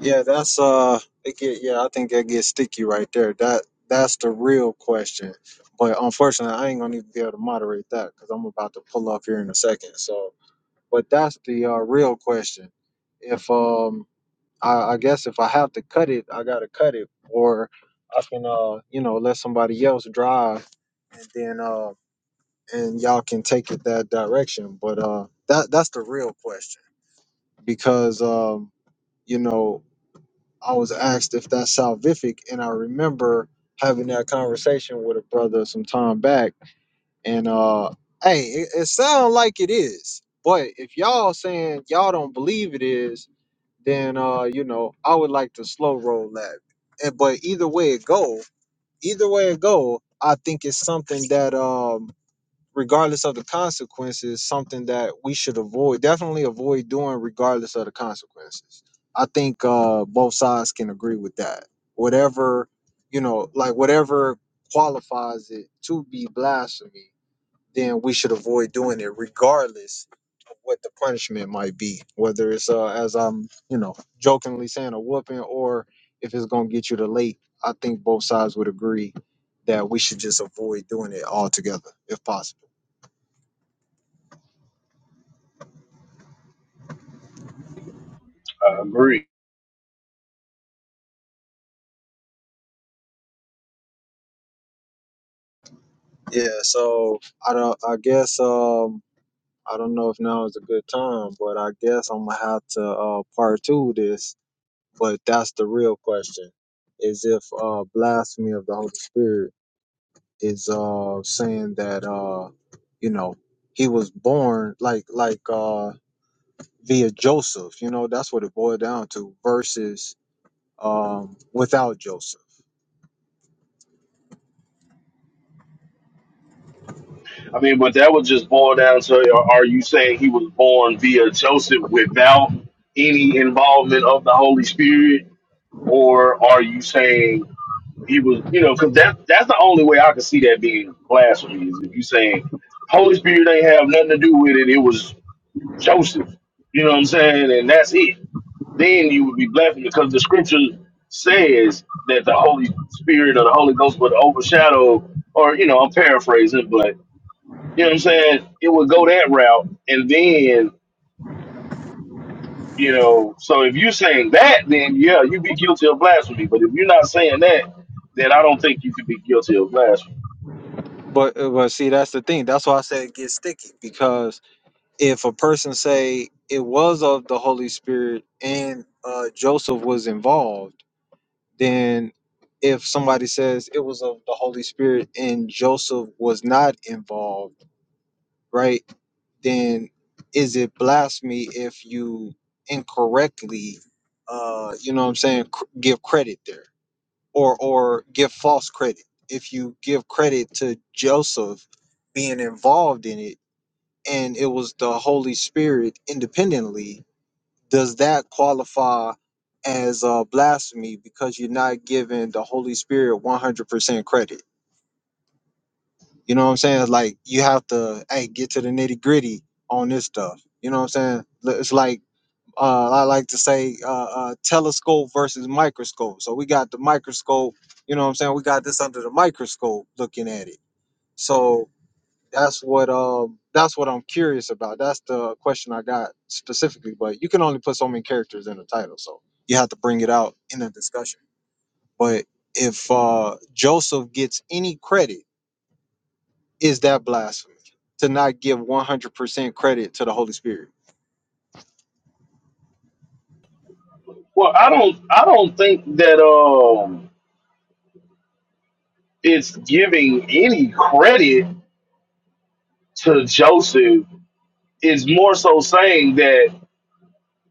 Yeah, that's uh, it get, yeah, I think that gets sticky right there. That that's the real question. But unfortunately, I ain't gonna even be able to moderate that because I'm about to pull up here in a second. So, but that's the uh, real question. If um, I, I guess if I have to cut it, I gotta cut it, or I can, uh, you know, let somebody else drive, and then, uh, and y'all can take it that direction. But uh, that that's the real question because, um, you know, I was asked if that's salvific, and I remember having that conversation with a brother some time back, and uh, hey, it, it sounds like it is, but if y'all saying y'all don't believe it is then uh, you know, I would like to slow roll that. And, but either way it go, either way it go, I think it's something that um regardless of the consequences, something that we should avoid, definitely avoid doing regardless of the consequences. I think uh both sides can agree with that. Whatever, you know, like whatever qualifies it to be blasphemy, then we should avoid doing it regardless what the punishment might be, whether it's uh, as I'm you know jokingly saying a whooping or if it's gonna get you to late. I think both sides would agree that we should just avoid doing it altogether if possible. I agree. Yeah, so I don't. I guess um I don't know if now is a good time, but I guess I'm gonna have to uh part two this. But that's the real question: is if uh blasphemy of the Holy Spirit is uh saying that uh you know he was born like like uh via Joseph, you know, that's what it boiled down to versus um without Joseph. I mean, but that would just boil down to are are you saying he was born via Joseph without any involvement of the Holy Spirit? Or are you saying he was, you know, because that, that's the only way I could see that being blasphemy is if you saying Holy Spirit ain't have nothing to do with it. It was Joseph. You know what I'm saying? And that's it. Then you would be blaspheming because the scripture says that the Holy Spirit or the Holy Ghost would overshadow, or, you know, I'm paraphrasing, but, you know what I'm saying? It would go that route. And then, you know, so if you're saying that, then yeah, you'd be guilty of blasphemy. But if you're not saying that, then I don't think you could be guilty of blasphemy. But uh, but see that's the thing. That's why I said it gets sticky because if a person say it was of the Holy Spirit and uh Joseph was involved, then if somebody says it was of the Holy Spirit and Joseph was not involved, right? then is it blasphemy if you incorrectly uh you know what i'm saying cr- give credit there or or give false credit if you give credit to joseph being involved in it and it was the holy spirit independently does that qualify as uh blasphemy because you're not giving the holy spirit 100% credit you know what I'm saying? It's like you have to hey get to the nitty gritty on this stuff. You know what I'm saying? L- It's like uh, I like to say uh, uh, telescope versus microscope. So we got the microscope. You know what I'm saying? We got this under the microscope looking at it. So that's what um that's what I'm curious about. That's the question I got specifically. But you can only put so many characters in a title, so you have to bring it out in a discussion. But if uh, Joseph gets any credit is that blasphemy to not give 100% credit to the Holy Spirit? Well, I don't, I don't think that um, it's giving any credit to Joseph is more so saying that,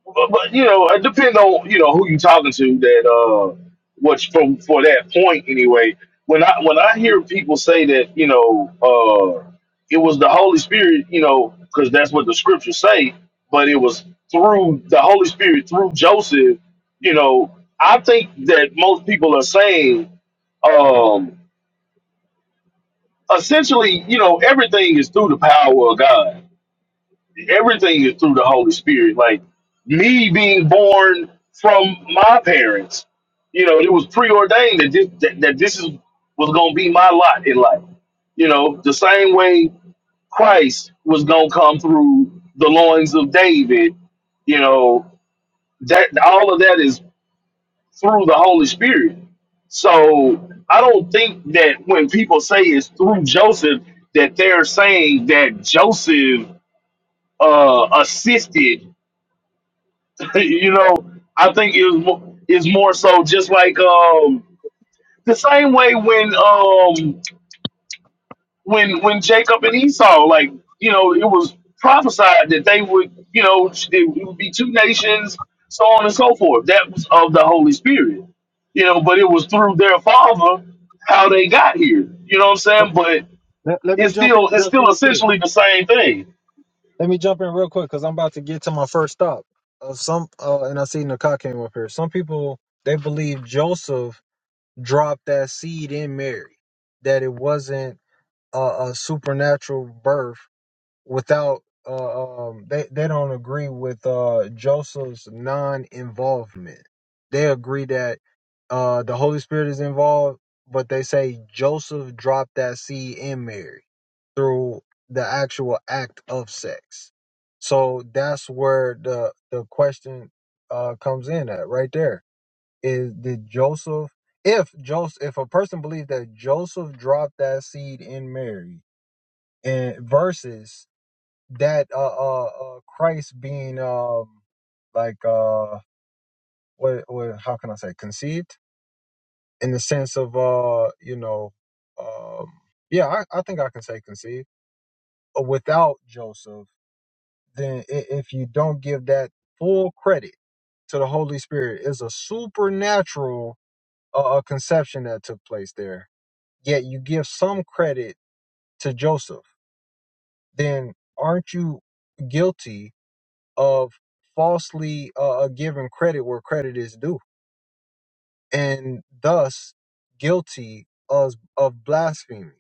but, but you know, it depends on you know who you talking to. That uh, what's from for that point anyway. When I when I hear people say that, you know, uh, it was the Holy Spirit, you know, because that's what the scriptures say. But it was through the Holy Spirit through Joseph, you know. I think that most people are saying, um, essentially, you know, everything is through the power of God everything is through the Holy Spirit. Like me being born from my parents, you know, it was preordained that this that, that this is was gonna be my lot in life. You know, the same way Christ was gonna come through the loins of David, you know, that all of that is through the Holy Spirit. So I don't think that when people say it's through Joseph, that they're saying that Joseph uh, assisted you know, I think it was mo- it's more so just like um the same way when um when when Jacob and Esau like you know it was prophesied that they would you know it would be two nations so on and so forth that was of the Holy Spirit you know but it was through their father how they got here you know what I'm saying but Let, let me it's jump in still it's just still real quick. essentially the same thing. Let me jump in real quick because I'm about to get to my first stop. Of some, uh, and I see Nakat came up here. Some people they believe Joseph dropped that seed in Mary, that it wasn't a, a supernatural birth without uh, um they they don't agree with uh Joseph's non-involvement. They agree that uh the Holy Spirit is involved, but they say Joseph dropped that seed in Mary through the actual act of sex. So that's where the the question uh comes in at right there. Is did Joseph if Joseph if a person believed that Joseph dropped that seed in Mary and versus that uh, uh, uh Christ being um like uh what what how can I say conceived in the sense of uh you know um yeah I, I think I can say conceived uh, without Joseph then i- if you don't give that full credit to the Holy Spirit is a supernatural uh, uh, conception that took place there yet you give some credit to Joseph then aren't you guilty of falsely uh, uh, giving credit where credit is due and thus guilty of of blasphemy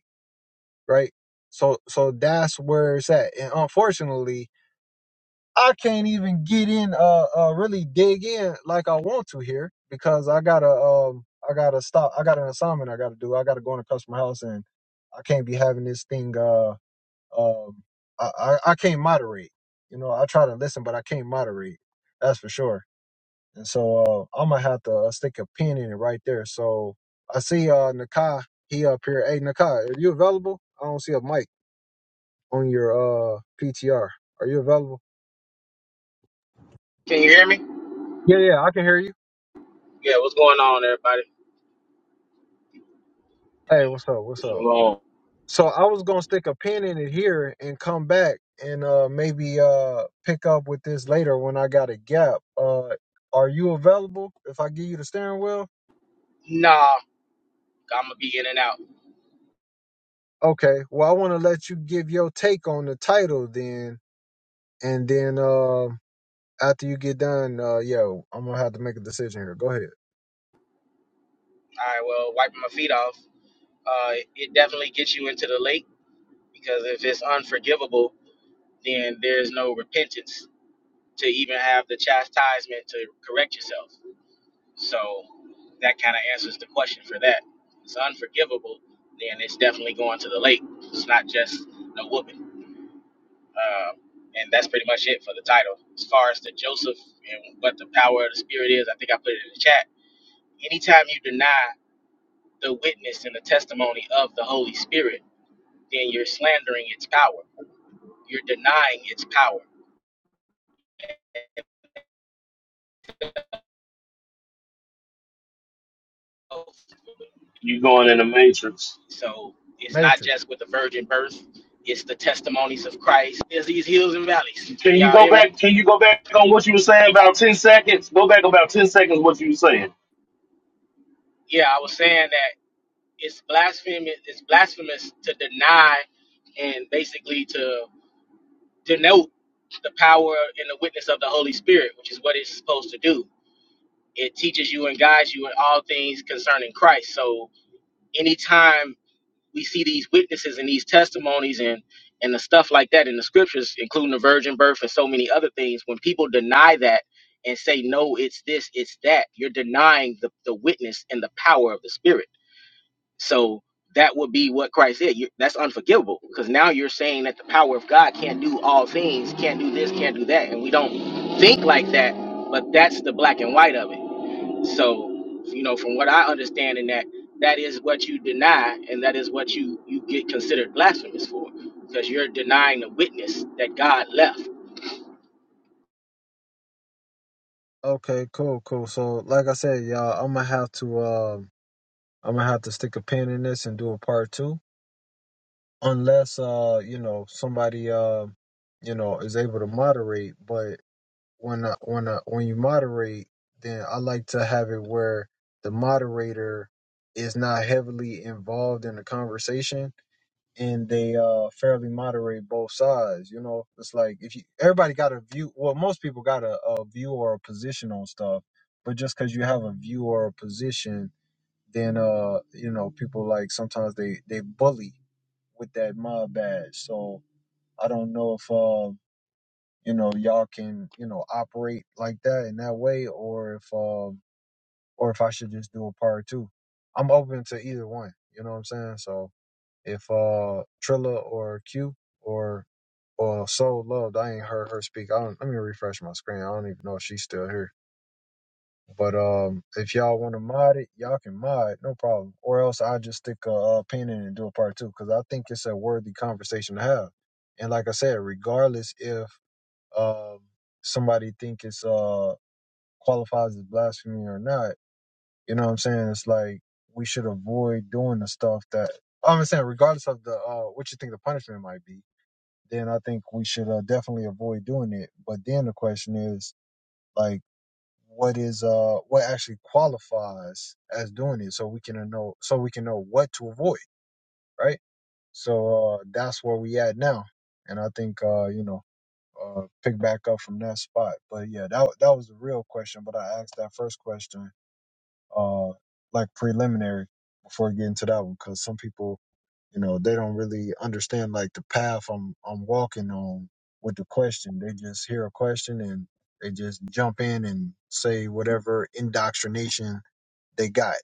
right so so that's where it's at and unfortunately i can't even get in uh, uh really dig in like i want to here because i gotta um i gotta stop i got an assignment i gotta do i gotta go in a customer house and i can't be having this thing uh um i i, I can't moderate you know i try to listen but i can't moderate that's for sure And so uh, I'm gonna have to uh, stick a pin in it right there. So I see uh Nakai, he up here. Hey Nakai, are you available? I don't see a mic on your uh PTR. Are you available? Can you hear me? Yeah, yeah, I can hear you. Yeah, what's going on, everybody? Hey, what's up? What's up? Shalom. So I was gonna stick a pin in it here and come back and uh maybe uh pick up with this later when I got a gap. Uh are you available if I give you the steering wheel? Nah, I'm gonna be in and out. Okay. Well I wanna let you give your take on the title then and then um after you get done, uh, yo, I'm gonna have to make a decision here. Go ahead, All right, well, wiping my feet off. Uh, it definitely gets you into the lake because if it's unforgivable, then there's no repentance to even have the chastisement to correct yourself. So that kind of answers the question for that. If it's unforgivable, then it's definitely going to the lake. It's not just no whooping. Um, and that's pretty much it for the title. As far as the Joseph and what the power of the Spirit is, I think I put it in the chat. Anytime you deny the witness and the testimony of the Holy Spirit, then you're slandering its power. You're denying its power. You going in the matrix? So it's not Matrix. just with the virgin birth, it's the testimonies of Christ. There's these hills and valleys. Can Can you y'all go hear me? back? Can you go back on what you were saying about ten seconds? Go back about ten seconds. What you were saying? Yeah, I was saying that it's blasphemous it's blasphemous to deny and basically to denote the power and the witness of the Holy Spirit, which is what it's supposed to do. it teaches you and guides you in all things concerning Christ. So anytime we see these witnesses and these testimonies and and the stuff like that in the scriptures, including the virgin birth and so many other things, when people deny that and say, no, it's this, it's that, you're denying the, the witness and the power of the spirit. So that would be what Christ did. You, that's unforgivable because now you're saying that the power of God can't do all things, can't do this, can't do that. And we don't think like that, but that's the black and white of it so, you know, from what I understand in that, that is what you deny and that is what you, you get considered blasphemous for because you're denying the witness that God left. Okay, cool, cool. So, like I said, y'all, I'm gonna have to, um, I'm gonna have to stick a pin in this and do a part two, unless, uh, you know, somebody, uh, you know, is able to moderate. But when, I, when, I, when you moderate, then I like to have it where the moderator is not heavily involved in the conversation and they uh fairly moderate both sides you know it's like if you everybody got a view well most people got a, a view or a position on stuff but just because you have a view or a position then uh you know people like sometimes they they bully with that mob badge so i don't know if uh you know y'all can you know operate like that in that way or if um or if i should just do a part two i'm open to either one you know what i'm saying so if uh trilla or q or well, Soul Loved, I ain't heard her speak. I don't, let me refresh my screen. I don't even know if she's still here. But um, if y'all want to mod it, y'all can mod, it, no problem. Or else i just stick a, uh pin in it and do a part two because I think it's a worthy conversation to have. And like I said, regardless if um somebody think it's uh qualifies as blasphemy or not, you know what I'm saying? It's like we should avoid doing the stuff that I'm saying, regardless of the uh what you think the punishment might be then I think we should uh, definitely avoid doing it. But then the question is, like, what is uh what actually qualifies as doing it, so we can know so we can know what to avoid, right? So uh, that's where we at now, and I think uh you know uh pick back up from that spot. But yeah, that that was the real question. But I asked that first question uh like preliminary before getting to that one because some people you know, they don't really understand like the path I'm I'm walking on with the question. They just hear a question and they just jump in and say whatever indoctrination they got.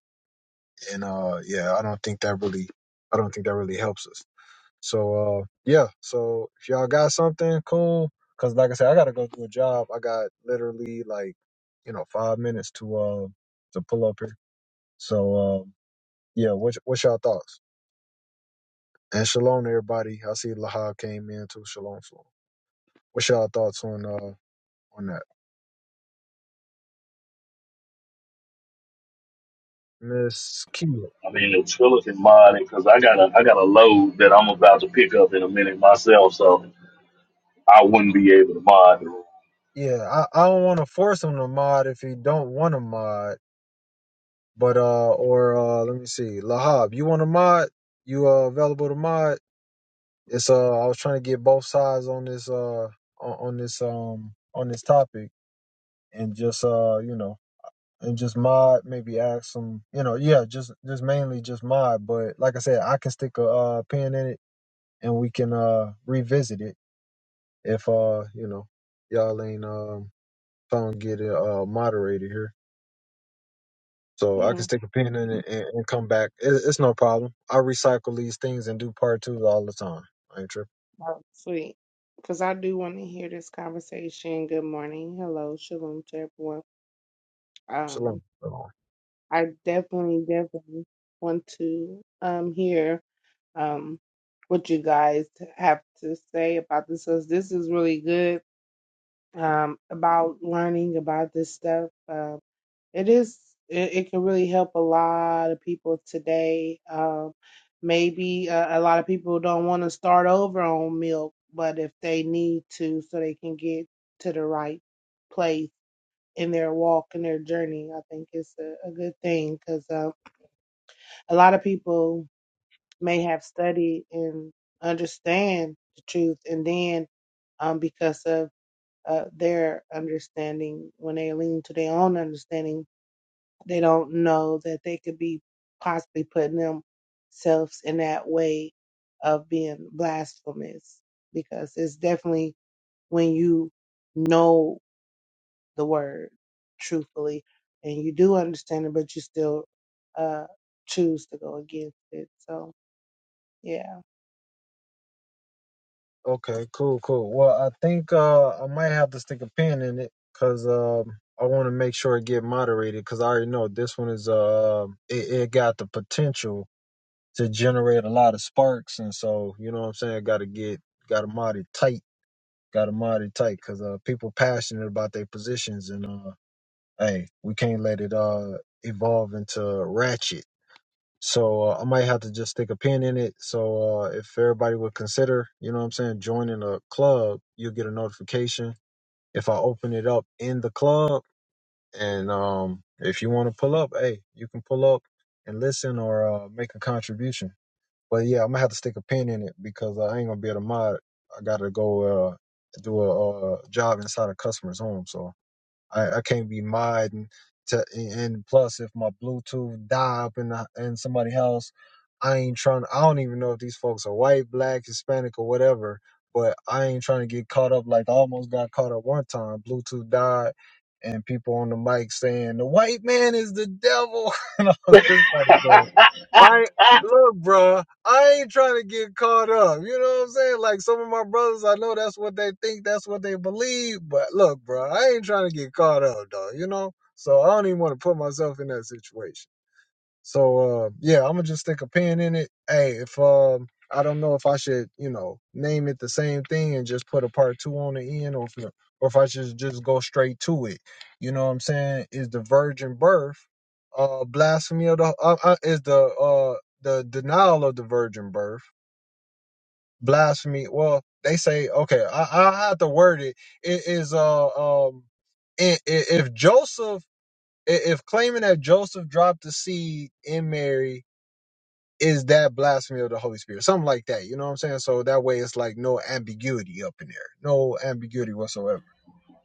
And uh yeah, I don't think that really I don't think that really helps us. So uh yeah, so if y'all got something cool cuz like I said I got to go do a job. I got literally like you know 5 minutes to uh to pull up here. So uh yeah, what's what's y'all thoughts? And shalom to everybody. I see Lahab came in too. Shalom, shalom. What's y'all thoughts on uh on that? Miss Kia. I mean, the Triller can mod because I got a I got a load that I'm about to pick up in a minute myself, so I wouldn't be able to mod it. Yeah, I, I don't want to force him to mod if he don't want to mod. But uh or uh let me see. Lahab, you want to mod? You uh available to mod? It's uh I was trying to get both sides on this uh on, on this um on this topic and just uh you know and just mod maybe ask some you know yeah just just mainly just mod but like i said i can stick a uh, pin in it and we can uh revisit it if uh you know y'all ain't um don't get it uh moderated here so i can Hmm. stick a pin in Mhm. it and, and come back it, it's no problem i recycle these things and do part two all the time I ain't tripping Oh, sweet. Because I do want to hear this conversation. Good morning. Hello. Shalom to everyone. Um, shalom Shalom. I definitely, definitely want to um hear um what you guys have to say about this. 'cause This is really good um about learning about this stuff. um, It is, it, it can really help a lot of people today. Um, maybe uh, a lot of people don't want to start over on milk, but if they need to, so they can get to the right place in their walk and their journey, I think it's a, a good thing because uh, a lot of people may have studied and understand the truth, and then um, because of uh, their understanding, when they lean to their own understanding they don't know that they could be possibly putting themselves in that way of being blasphemous because it's definitely when you know the word truthfully and you do understand it, but you still uh, choose to go against it. So, yeah. okay cool cool well i think uh i might have to stick a pin in it because um I want to make sure it get moderated because I already know this one is uh it, it got the potential to generate a lot of sparks. And so, you know what I'm saying? Got to get, got to mod it tight. Got to mod it tight because uh, people passionate about their positions. And uh, hey, we can't let it uh evolve into ratchet. So uh, I might have to just stick a pin in it. So uh, if everybody would consider, you know what I'm saying, joining a club, you'll get a notification if I open it up in the club. And um, if you want to pull up, hey, you can pull up and listen or uh, make a contribution. But yeah, I'm gonna have to stick a pin in it because I ain't gonna be able to mod. it. I gotta go uh, do a uh, job inside a customer's home, so I, I can't be modding. To, and and plus, if my Bluetooth die up in the, in somebody's house, I ain't trying. I don't even know if these folks are white, black, Hispanic, or whatever. But I ain't trying to get caught up like I almost got caught up one time. Bluetooth died, and people on the mic saying the white man is the devil and all this kind of stuff. I look, bruh, I ain't trying to get caught up. You know what I'm saying? Like some of my brothers, I know that's what they think, that's what they believe. But look, bruh, I ain't trying to get caught up, dog. You know, so I don't even want to put myself in that situation. So uh, yeah, I'm gonna just stick a pin in it. Hey, if um, I don't know if I should, you know, name it the same thing and just put a part two on the end, or if no, or if I should just go straight to it. You know what I'm saying? Is the virgin birth uh blasphemy of the uh, uh, is the uh the denial of the virgin birth blasphemy? Well, they say okay, I I have to word it. It is uh um i- i- if Joseph i- if claiming that Joseph dropped the seed in Mary is that blasphemy of the Holy Spirit? Something like that. You know what I'm saying? So that way it's like no ambiguity up in there. No ambiguity whatsoever.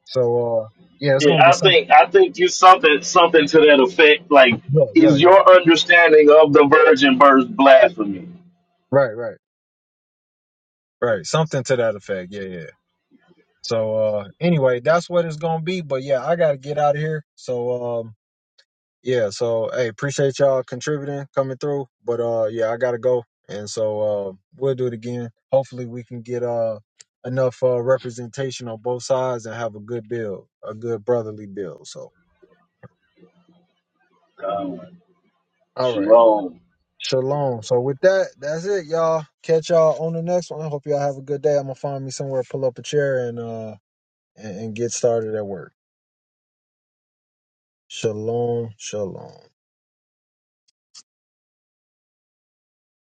So uh yeah, it's gonna be Yeah, I something think I think you something something to that effect. Like, yeah, yeah, is yeah. your understanding of the virgin birth blasphemy? Right, right, right. Something to that effect. Yeah, yeah. So uh anyway, that's what it's gonna be. But yeah, I gotta get out of here. So um, Yeah, so hey, appreciate y'all contributing, coming through. But uh yeah, I gotta go. And so uh we'll do it again. Hopefully we can get uh enough uh representation on both sides and have a good build, a good brotherly build. So God, all right. shalom. Shalom. So with that, that's it, y'all. Catch y'all on the next one. Hope y'all have a good day. I'm gonna find me somewhere, pull up a chair and uh and, and get started at work. Shalom, shalom.